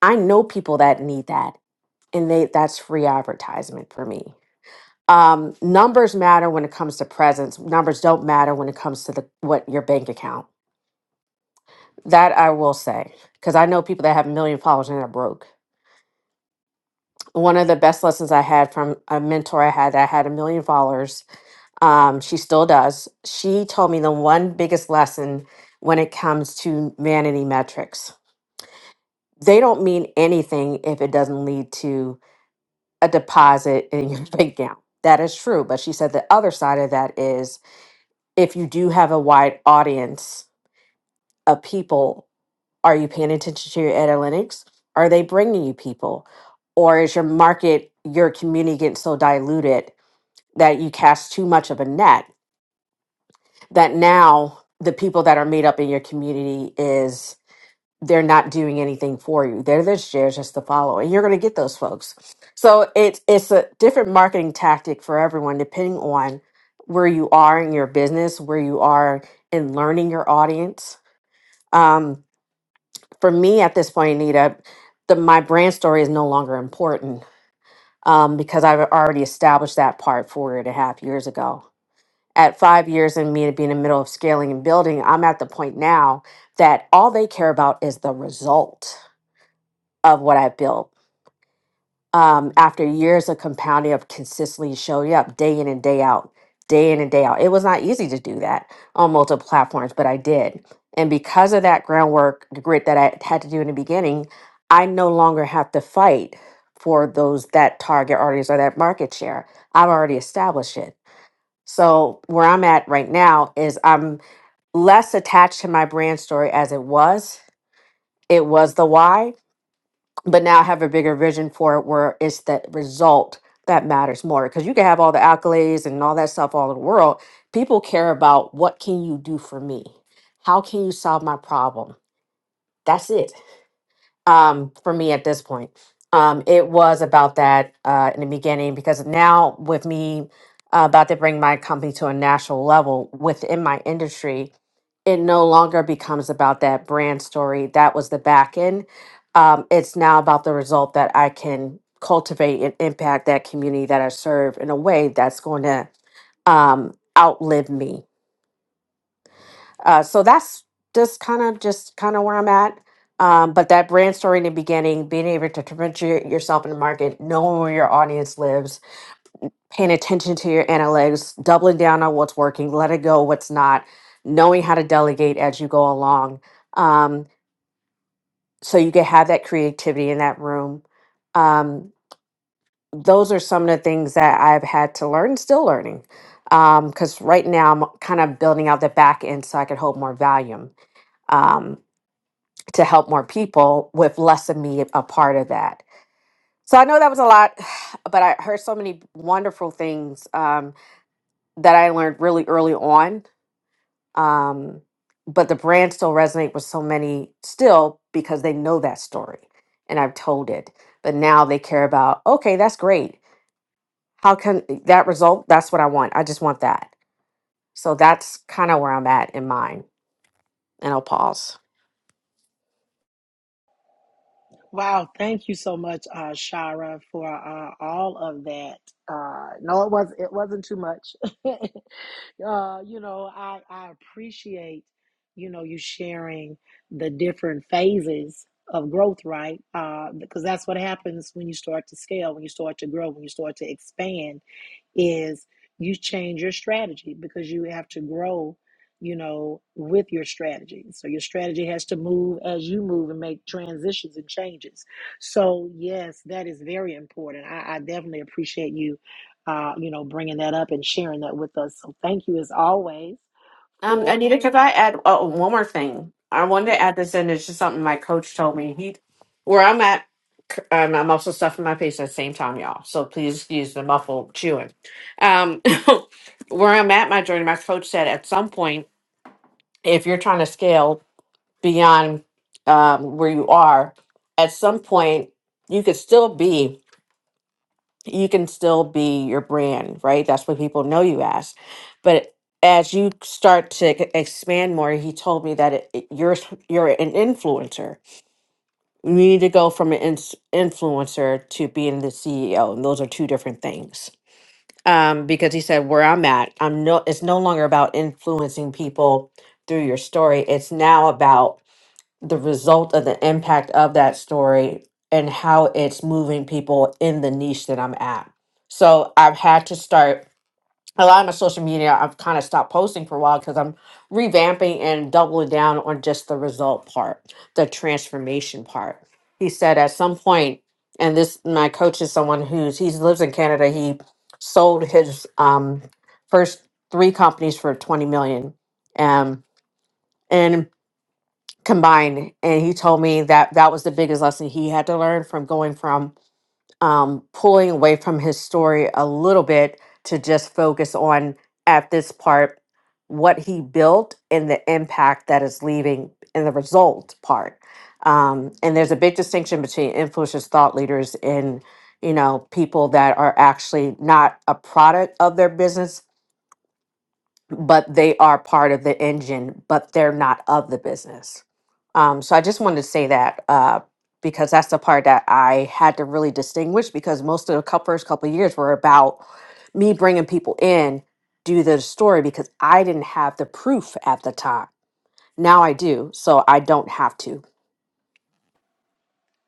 F: I know people that need that, and they that's free advertisement for me." Um, numbers matter when it comes to presence. Numbers don't matter when it comes to the what your bank account. That I will say, because I know people that have a million followers and are broke. One of the best lessons I had from a mentor I had that had a million followers Um, she still does. She told me the one biggest lesson when it comes to vanity metrics. They don't mean anything if it doesn't lead to a deposit in your <laughs> bank account. That is true. But she said the other side of that is if you do have a wide audience of people, are you paying attention to your analytics? Are they bringing you people? Or is your market, your community getting so diluted that you cast too much of a net? that now the people that are made up in your community is they're not doing anything for you. They're just there just to follow, and you're going to get those folks. So it's it's a different marketing tactic for everyone, depending on where you are in your business, where you are in learning your audience. Um, for me, at this point, Anita, the my brand story is no longer important um, because I've already established that part four and a half years ago at five years and me to be in the middle of scaling and building, I'm at the point now that all they care about is the result of what I've built. Um, after years of compounding of consistently showing up day in and day out, day in and day out. It was not easy to do that on multiple platforms, but I did. And because of that groundwork, the grit that I had to do in the beginning, I no longer have to fight for those that target audience or that market share. I've already established it. So where I'm at right now is I'm less attached to my brand story as it was. It was the why, but now I have a bigger vision for it where it's the result that matters more. Because you can have all the accolades and all that stuff all in the world. People care about what can you do for me? How can you solve my problem? That's it um, for me at this point. Um, it was about that uh, in the beginning because now with me uh, about to bring my company to a national level within my industry, it no longer becomes about that brand story. That was the back end. Um, it's now about the result that I can cultivate and impact that community that I serve in a way that's going to um, outlive me uh, so that's just kind of just kind of where I'm at. Um, but that brand story in the beginning, being able to differentiate yourself in the market, knowing where your audience lives, paying attention to your analytics, doubling down on what's working, letting go what's not, knowing how to delegate as you go along, um, so you can have that creativity in that room. Um, those are some of the things that I've had to learn, still learning, because right now I'm kind of building out the back end so I can hold more volume. Um, to help more people with less of me a part of that. So I know that was a lot, <sighs> but I heard so many wonderful things um, that I learned really early on. Um, but the brand still resonate with so many still because they know that story and I've told it. But now they care about, okay, that's great. How can that result? That's what I want. I just want that. So that's kind of where I'm at in mine. And I'll pause.
A: Wow, thank you so much, uh, Shara, for uh, all of that. Uh, no, it was it wasn't too much. <laughs> uh, you know, I I appreciate you know you sharing the different phases of growth, right? Uh, because that's what happens when you start to scale, when you start to grow, when you start to expand is you change your strategy because you have to grow, you know, with your strategy. So your strategy has to move as you move and make transitions and changes. So yes, that is very important. I, I definitely appreciate you, uh, you know, bringing that up and sharing that with us. So thank you as always
F: Um,
A: for
F: Anita,
A: you.
F: could I add uh, one more thing? I wanted to
A: Yes.
F: add this in. It's just something my coach told me. He, where I'm at, c- um, I'm also stuffing my face at the same time, y'all. So please excuse the muffled chewing. Um, <laughs> where I'm at, my journey, my coach said at some point, if you're trying to scale beyond um, where you are, at some point you could still be you can still be your brand, right? That's what people know you as. But as you start to e- expand more, he told me that it, it- you're s- you're an influencer. You need to go from an ins- influencer to being the CEO, and those are two different things. Um, because he said where I'm at, I'm no it's no longer about influencing people through your story. It's now about the result of the impact of that story and how it's moving people in the niche that I'm at. So I've had to start a lot of my social media. I've kind of stopped posting for a while because I'm revamping and doubling down on just the result part, the transformation part. He said at some point, and this my coach is someone who's he lives in Canada. He sold his um, first three companies for 20 million. Um, and combined and he told me that that was the biggest lesson he had to learn from going from um, pulling away from his story a little bit to just focus on at this part what he built and the impact that is leaving and the result part um, and there's a big distinction between influencers thought leaders and you know people that are actually not a product of their business but they are part of the engine, but they're not of the business. Um, so I just wanted to say that uh, because that's the part that I had to really distinguish because most of the cou- first couple of years were about me bringing people in, do the story because I didn't have the proof at the time. Now I do, so I don't have to.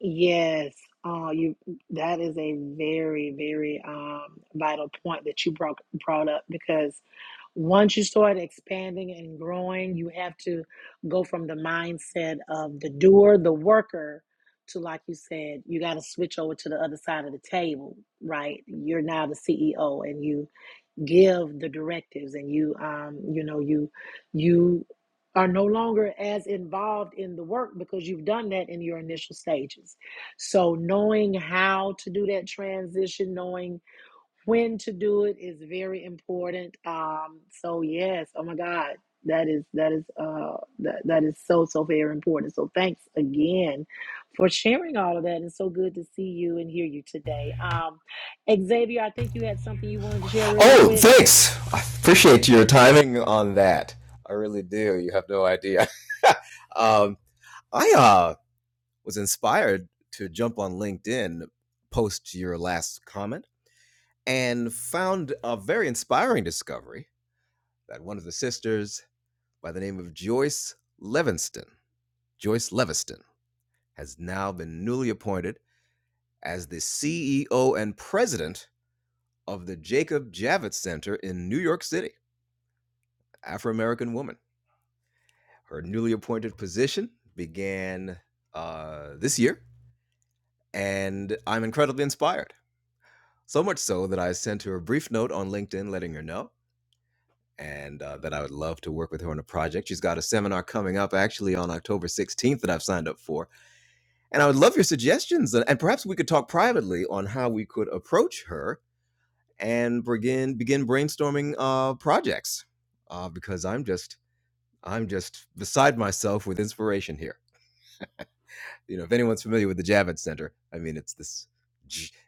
A: Yes. Uh, you that is a very, very um vital point that you brought brought up because Once you start expanding and growing, you have to go from the mindset of the doer, the worker, to like you said, you got to switch over to the other side of the table, right? You're now the CEO, and you give the directives, and you, um, you know, you, you are no longer as involved in the work because you've done that in your initial stages. So knowing how to do that transition, knowing when to do it is very important. Um, so yes, oh my God, that is that is uh that, that is so so very important. So thanks again for sharing all of that. It's so good to see you and hear you today. Um, Xavier, I think you had something you wanted to share really
B: Oh,
A: quick.
B: thanks. I appreciate your timing on that. I really do. You have no idea. <laughs> um, I uh, was inspired to jump on LinkedIn post your last comment and found a very inspiring discovery that one of the sisters, by the name of Joyce Levinston, Joyce Leviston, has now been newly appointed as the CEO and president of the Jacob Javits Center in New York City, Afro American woman. Her newly appointed position began uh, this year, and I'm incredibly inspired. So much so that I sent her a brief note on LinkedIn letting her know and uh, that I would love to work with her on a project. She's got a seminar coming up actually on October 16th that I've signed up for And I would love your suggestions, and, and perhaps we could talk privately on how we could approach her and begin begin brainstorming uh, projects. Uh, because I'm just I'm just beside myself with inspiration here. You know, if anyone's familiar with the Javits Center, I mean, it's this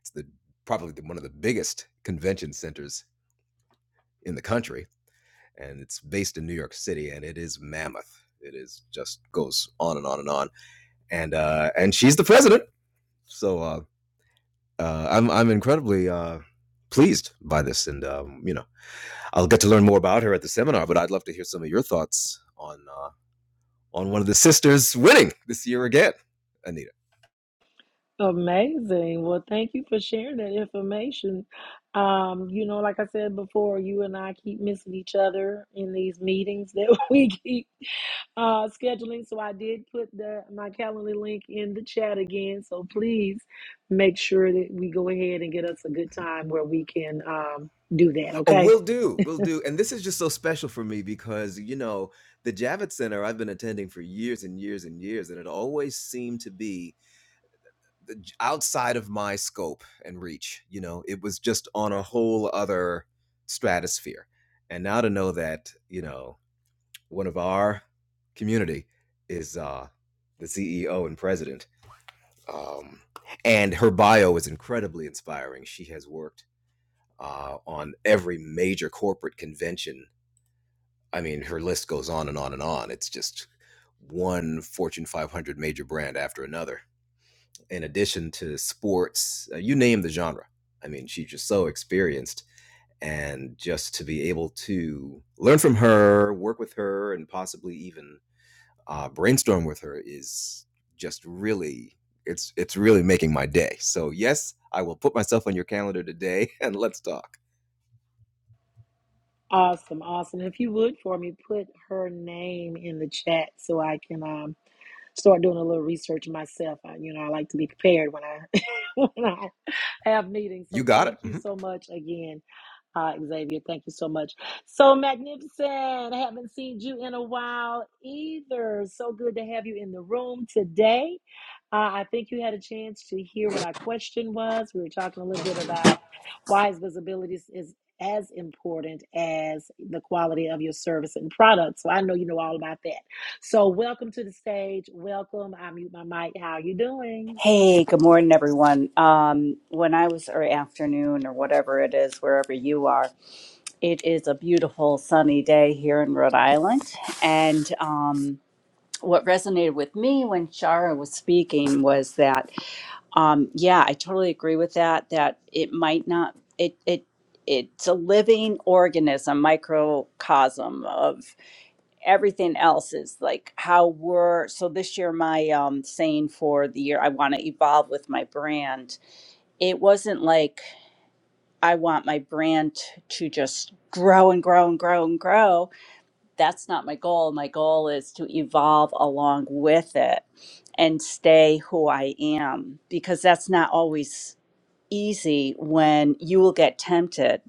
B: it's the probably the, one of the biggest convention centers in the country, and it's based in New York City, and it is mammoth. It is just goes on and on and on, and uh, and she's the president, so. Uh, uh, I'm I'm incredibly uh, pleased by this, and um, you know I'll get to learn more about her at the seminar. But I'd love to hear some of your thoughts on uh, on one of the sisters winning this year again, Anita.
A: Amazing. Well, thank you for sharing that information. Um, you know, like I said before, you and I keep missing each other in these meetings that <laughs> we keep. uh, scheduling. So I did put the my Calendly link in the chat again. So please make sure that we go ahead and get us a good time where we can um, do that.
B: Oh,
A: Okay.
B: will do, will do. And this is just so special for me because, you know, the Javits Center I've been attending for years and years and years, and it always seemed to be the j- outside of my scope and reach. You know, it was just on a whole other stratosphere. And now to know that, you know, one of our community is uh, the CEO and president. Um, and her bio is incredibly inspiring. She has worked uh, on every major corporate convention I mean, her list goes on and on and on. It's just one Fortune 500 major brand after another. In addition to sports, uh, you name the genre. I mean, she's just so experienced. And just to be able to learn from her, work with her, and possibly even uh, brainstorm with her is just really it's it's really making my day. So yes, I will put myself on your calendar today <laughs> and let's talk.
A: Awesome, awesome. If you would for me, put her name in the chat so I can um, start doing a little research myself. I, you know, I like to be prepared when I <laughs> when I have meetings.
B: You
A: So
B: got it.
A: thank you
B: Mhm.
A: so much again Hi, Xavier. Thank you so much. So magnificent. I haven't seen you in a while either. So good to have you in the room today. Uh, I think you had a chance to hear what our question was. We were talking a little bit about why is visibility is is as important as the quality of your service and product. So I know you know all about that. So welcome to the stage. Welcome. I mute my mic. How are you doing?
G: Hey, good morning, everyone. Um, when I was, or afternoon, or whatever it is, wherever you are, it is a beautiful sunny day here in Rhode Island. And um, what resonated with me when Shara was speaking was that, um, yeah, I totally agree with that, that it might not, it, it, it's a living organism, microcosm of everything else is like how we're so this year my um saying for the year I want to evolve with my brand. It wasn't like I want my brand to just grow and grow and grow and grow. That's not my goal. My goal is to evolve along with it and stay who I am because that's not always easy when you will get tempted.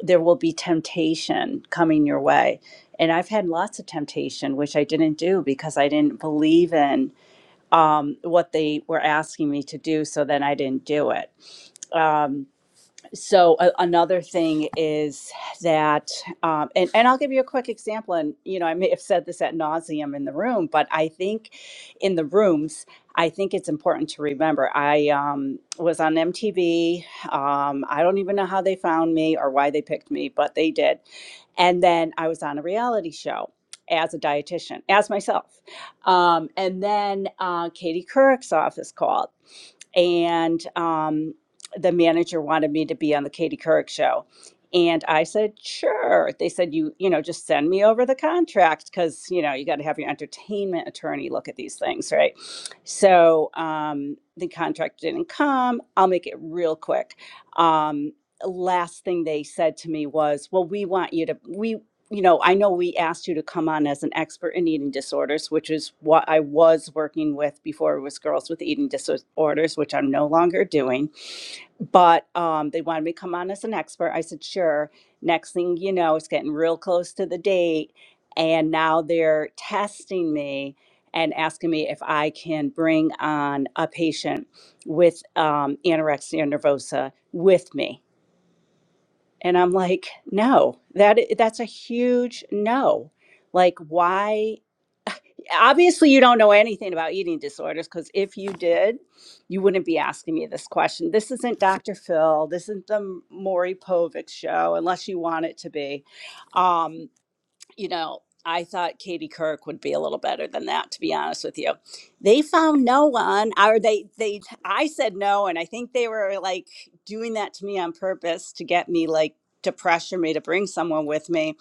G: There will be temptation coming your way. And I've had lots of temptation, which I didn't do because I didn't believe in um, what they were asking me to do. So then I didn't do it. Um, so a another thing is that um, and, and i'll give you a quick example and you know i may have said this at nauseum in the room but i think in the rooms i think it's important to remember i um, was on mtv um, i don't even know how they found me or why they picked me but they did and then I was on a reality show as a dietitian, as myself. Um, and then uh, Katie Couric's office called and um, the manager wanted me to be on the Katie Couric show. And I said, sure. They said, you, you know, just send me over the contract because, you know, you got to have your entertainment attorney look at these things, right? So um, the contract didn't come. I'll make it real quick. Um, last thing they said to me was, well, we want you to, we you know, I know we asked you to come on as an expert in eating disorders, which is what I was working with before it was girls with eating disorders, which I'm no longer doing. But um, they wanted me to come on as an expert. I said, sure. Next thing you know, it's getting real close to the date. And now they're testing me and asking me if I can bring on a patient with um, anorexia nervosa with me and I'm like, no, that i- that's a huge no. Like, why? Obviously, you don't know anything about eating disorders because if you did, you wouldn't be asking me this question. This isn't Dr. Phil. This isn't the Maury Povich show, unless you want it to be. Um, you know, I thought Katie Couric would be a little better than that, to be honest with you. They found no one, or they, they, I said no, and I think they were like doing that to me on purpose to get me like to pressure me to bring someone with me.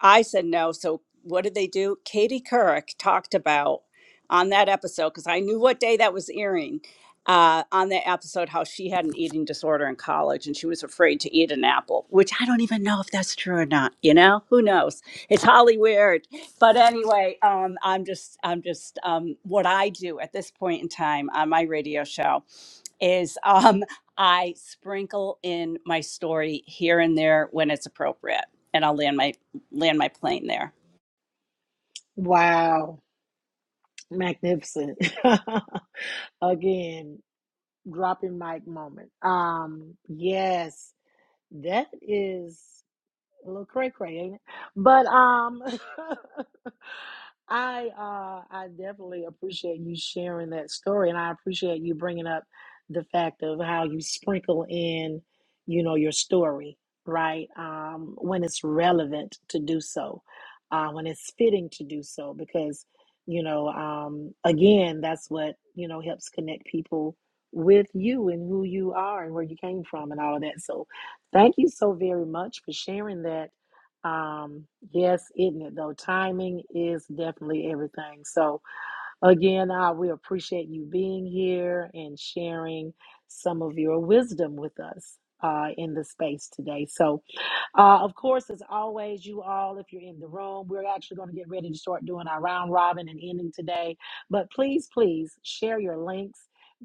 G: I said no. So what did they do? Katie Couric talked about on that episode because I knew what day that was airing. Uh, on that episode, how she had an eating disorder in college and she was afraid to eat an apple, which I don't even know if that's true or not. You know, who knows? it's Holly Weird. But anyway, um, I'm just, I'm just, um, what I do at this point in time on my radio show is um, I sprinkle in my story here and there when it's appropriate, and I'll land my land my plane there.
A: Wow, magnificent. <laughs> Again. dropping mic moment. Um, yes, that is a little cray cray, ain't it? But um, <laughs> I uh, I definitely appreciate you sharing that story, and I appreciate you bringing up the fact of how you sprinkle in, you know, your story, right? Um, when it's relevant to do so, uh, when it's fitting to do so, because you know, um, again, that's what you know helps connect people with you and who you are and where you came from and all of that. So Thank you so very much for sharing that. Um, yes, isn't it though? Timing is definitely everything. So again, uh, we appreciate you being here and sharing some of your wisdom with us uh, in the space today. So uh, of course, as always, you all, if you're in the room, we're actually going to get ready to start doing our round robin and ending today. But please, please share your links,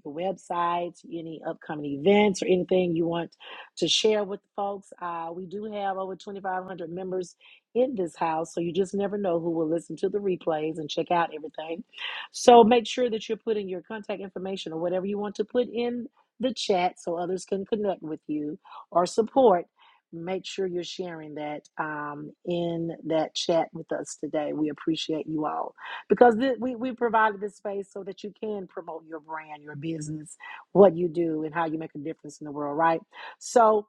A: your websites, any upcoming events, or anything you want to share with the folks. Uh, we do have over 2,500 members in this house, so you just never know who will listen to the replays and check out everything. So make sure that you're putting your contact information or whatever you want to put in the chat so others can connect with you or support. Make sure you're sharing that um, in that chat with us today. We appreciate you all because th- we, we provided this space so that you can promote your brand, your business, what you do, and how you make a difference in the world, right? So,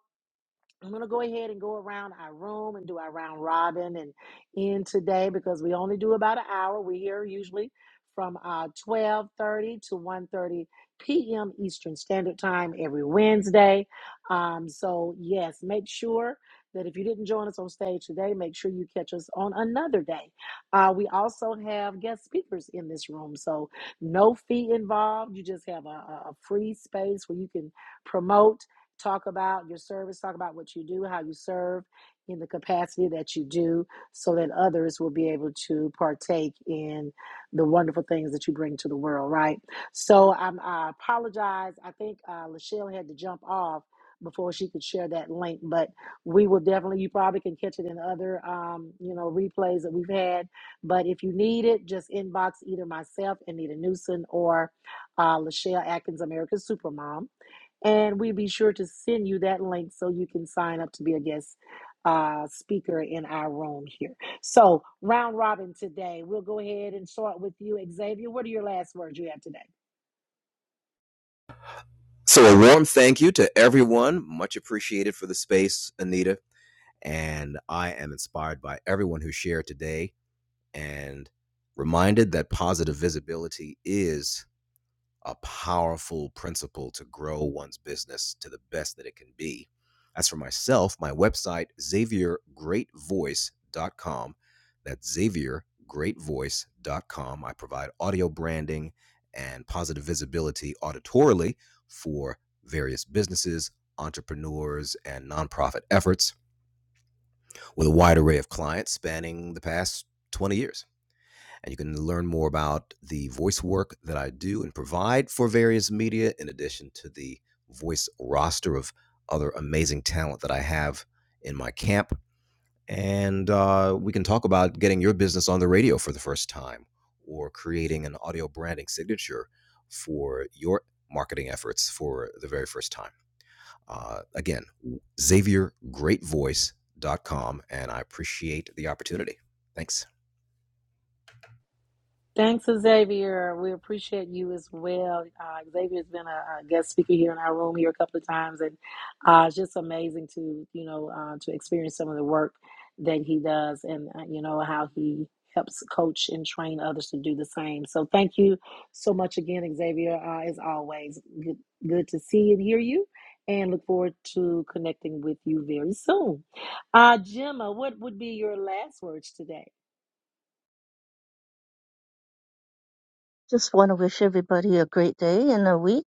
A: I'm going to go ahead and go around our room and do our round robin and end today because we only do about an hour. We're here usually from uh, 12.30 to one thirty p.m. Eastern Standard Time every Wednesday. Um, so, yes, make sure that if you didn't join us on stage today, make sure you catch us on another day. Uh, we also have guest speakers in this room. So, no fee involved. You just have a, a a free space where you can promote Talk about your service, talk about what you do, how you serve in the capacity that you do, so that others will be able to partake in the wonderful things that you bring to the world, right? So I'm, I apologize. I think uh, Lachelle had to jump off before she could share that link, but we will definitely, you probably can catch it in other, um, you know, replays that we've had. But if you need it, just inbox either myself, Anita Newsom, or uh, Lachelle Atkins, America's Supermom and we'll be sure to send you that link so you can sign up to be a guest uh, speaker in our room here. So, round robin today, we'll go ahead and start with you, Xavier. What are your last words you have today?
B: So, a warm thank you to everyone. Much appreciated for the space, Anita. And I am inspired by everyone who shared today and reminded that positive visibility is a powerful principle to grow one's business to the best that it can be. As for myself, my website, xavier great voice dot com. That's xavier great voice dot com. I provide audio branding and positive visibility auditorily for various businesses, entrepreneurs, and nonprofit efforts with a wide array of clients spanning the past 20 years. And you can learn more about the voice work that I do and provide for various media, in addition to the voice roster of other amazing talent that I have in my camp. And uh, we can talk about getting your business on the radio for the first time or creating an audio branding signature for your marketing efforts for the very first time. Uh, again, xaviergreatvoice.com. And I appreciate the opportunity. Thanks.
A: Thanks, Xavier. We appreciate you as well. Uh, Xavier's been a, a guest speaker here in our room here a couple of times, and uh, it's just amazing to you know uh, to experience some of the work that he does, and uh, you know how he helps coach and train others to do the same. So thank you so much again, Xavier. Uh, as always, good, good to see and hear you, and look forward to connecting with you very soon. Uh, Gemma, what would be your last words today?
D: just want to wish everybody a great day and a week.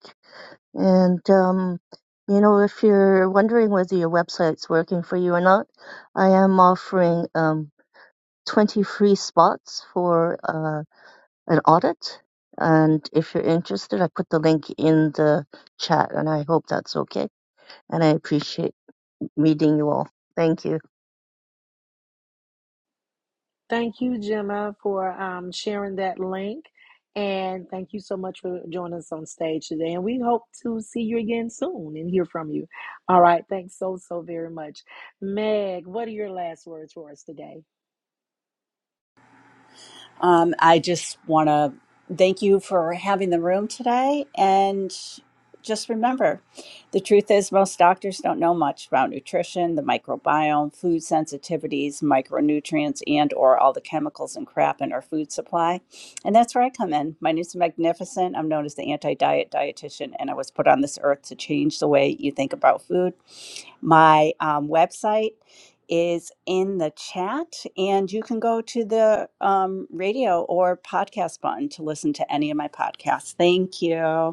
D: And, um, you know, if you're wondering whether your website's working for you or not, I am offering um, 20 free spots for uh, an audit. And if you're interested, I put the link in the chat and I hope that's okay. And I appreciate meeting you all. Thank you.
A: Thank you, Gemma, for um, sharing that link. And thank you so much for joining us on stage today. And we hope to see you again soon and hear from you. All right. Thanks so, so very much. Meg, what are your last words for us today?
G: Um, I just want to thank you for having the room today. And just remember the truth is, most doctors don't know much about nutrition, the microbiome, food sensitivities, micronutrients, and/or all the chemicals and crap in our food supply. And that's where I come in. My name's Magnificent. I'm known as the anti-diet dietitian, and I was put on this earth to change the way you think about food my um, website is in the chat, and you can go to the um, radio or podcast button to listen to any of my podcasts. Thank you.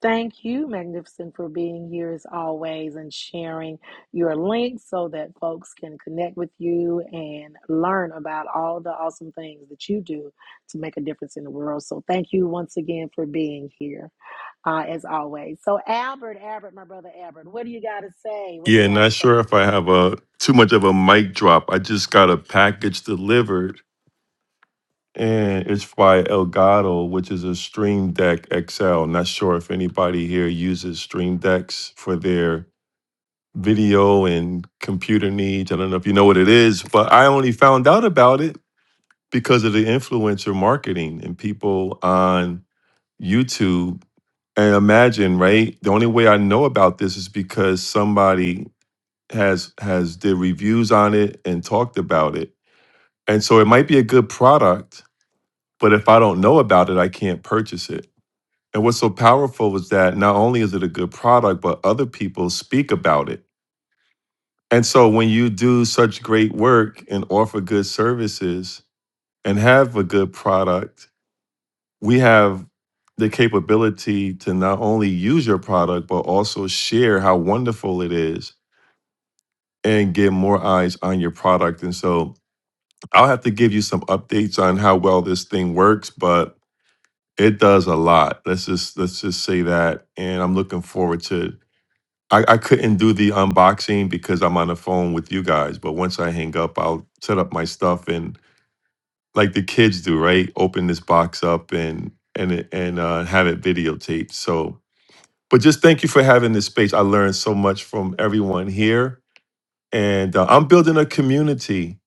A: Thank you, Magnificent, for being here as always and sharing your link so that folks can connect with you and learn about all the awesome things that you do to make a difference in the world. So, thank you once again for being here uh, as always. So, Albert, Albert, my brother Albert, what do you got to say? What do you
C: Yeah,
A: got to
C: not
A: say?
C: sure if I have a too much of a mic drop. I just got a package delivered And it's by Elgato, which is a Stream Deck XL. Not sure if anybody here uses Stream Decks for their video and computer needs. I don't know if you know what it is, but I only found out about it because of the influencer marketing and people on YouTube. And imagine, right? The only way I know about this is because somebody has has did reviews on it and talked about it. And so it might be a good product, But if I don't know about it, I can't purchase it. And what's so powerful is that not only is it a good product, but other people speak about it. And so when you do such great work and offer good services and have a good product, we have the capability to not only use your product, but also share how wonderful it is and get more eyes on your product. And so I'll have to give you some updates on how well this thing works, but It does a lot. Let's just let's just say that. And I'm looking forward to I, I couldn't do the unboxing because I'm on the phone with you guys, but once I hang up, I'll set up my stuff and like the kids do, right? Open this box up and and it- and uh, have it videotaped. So, but just thank you for having this space. I learned so much from everyone here, and uh, I'm building a community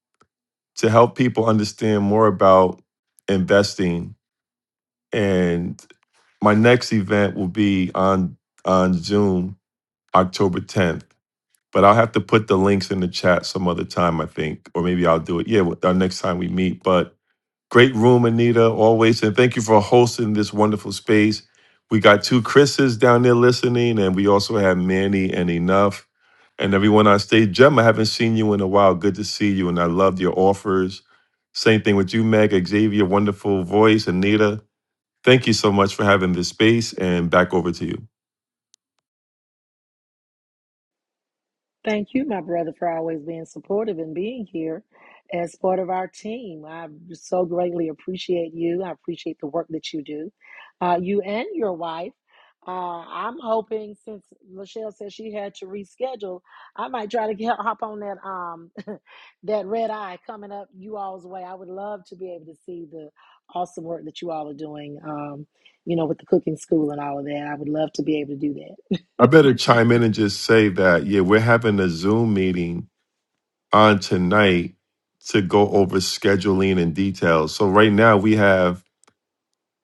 C: to help people understand more about investing and my next event will be on on Zoom October 10th. But I'll have to put the links in the chat some other time, I think, or maybe I'll do it. Yeah, with- our next time we meet. But great room, Anita, always, and thank you for hosting this wonderful space. We got two Chris's down there listening, and we also have Manny and Enough, and everyone on stage. Gem, I haven't seen you in a while. Good to see you, and I loved your offers. Same thing with you, Meg, Xavier, wonderful voice, Anita. Thank you so much for having this space and back over to you.
A: Thank you, my brother, for always being supportive and being here as part of our team. I so greatly appreciate you. I appreciate the work that you do, uh, you and your wife. Uh, I'm hoping since Michelle said she had to reschedule, I might try to get, hop on that um <laughs> that red eye coming up you all's way. I would love to be able to see the awesome work that you all are doing. Um, you know, with the cooking school and all of that, I would love to be able to do that.
C: I better chime in and just say that, yeah, we're having a Zoom meeting on tonight to go over scheduling and details. So right now we have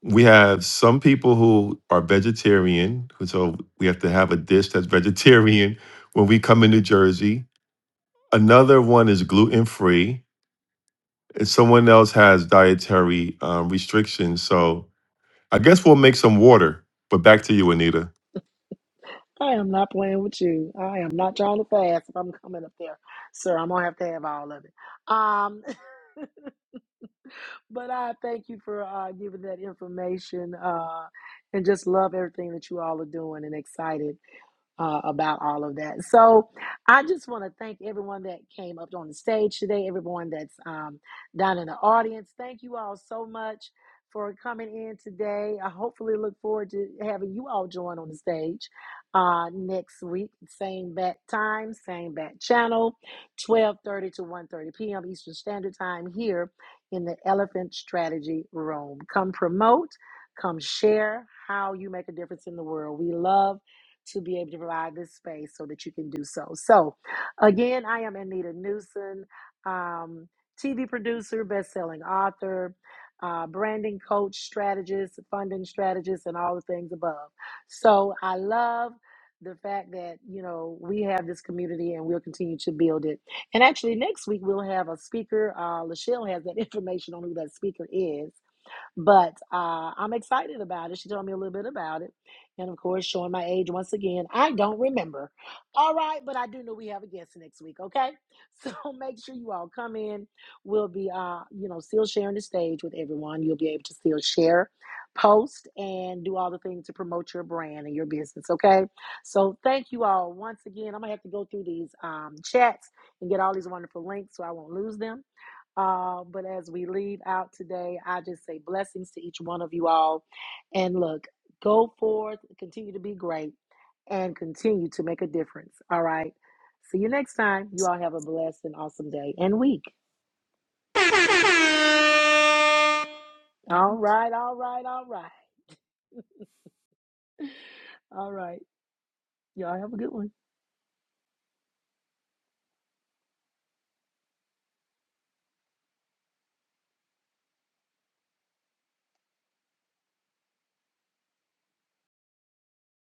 C: we have some people who are vegetarian, so we have to have a dish that's <laughs> vegetarian when we come in New Jersey. Another one is gluten free, and someone else has dietary um, restrictions. So I guess we'll make some water. But back to you, Anita.
A: I am not playing with you. I am not trying to fast if I'm coming up there, sir. I'm gonna have to have all of it. Um, <laughs> but I thank you for uh, giving that information uh, and just love everything that you all are doing and excited uh, about all of that. So I just want to thank everyone that came up on the stage today, everyone that's um, down in the audience. Thank you all so much for coming in today. I hopefully look forward to having you all join on the stage uh, next week, same bat time, same bat channel, 12:30 to one thirty p.m. Eastern Standard Time here in the Elephant Strategy Room. Come promote, come share how you make a difference in the world. We love to be able to provide this space so that you can do so. So, again, I am Anita Newsom, um, TV producer, best-selling author, uh, branding coach, strategist, funding strategist, and all the things above. So, I love the fact that you know we have this community and we'll continue to build it. And actually, next week we'll have a speaker. Uh, Lachelle has that <laughs> information on who that speaker is but uh, I'm excited about it. She told me a little bit about it. And of course, showing my age once again. I don't remember. All right, but I do know we have a guest next week, okay? So <laughs> make sure you all come in. We'll be, uh, you know, still sharing the stage with everyone. You'll be able to still share, post, and do all the things to promote your brand and your business, okay? So thank you all once again. I'm going to have to go through these um, chats and get all these wonderful links so I won't lose them. Uh, but as we leave out today, I just say blessings to each one of you all. And look, go forth, continue to be great, and continue to make a difference. All right. See you next time. You all have a blessed and awesome day and week.
C: Thank you.
A: All right. All right. All right. All right. Y'all have a good one.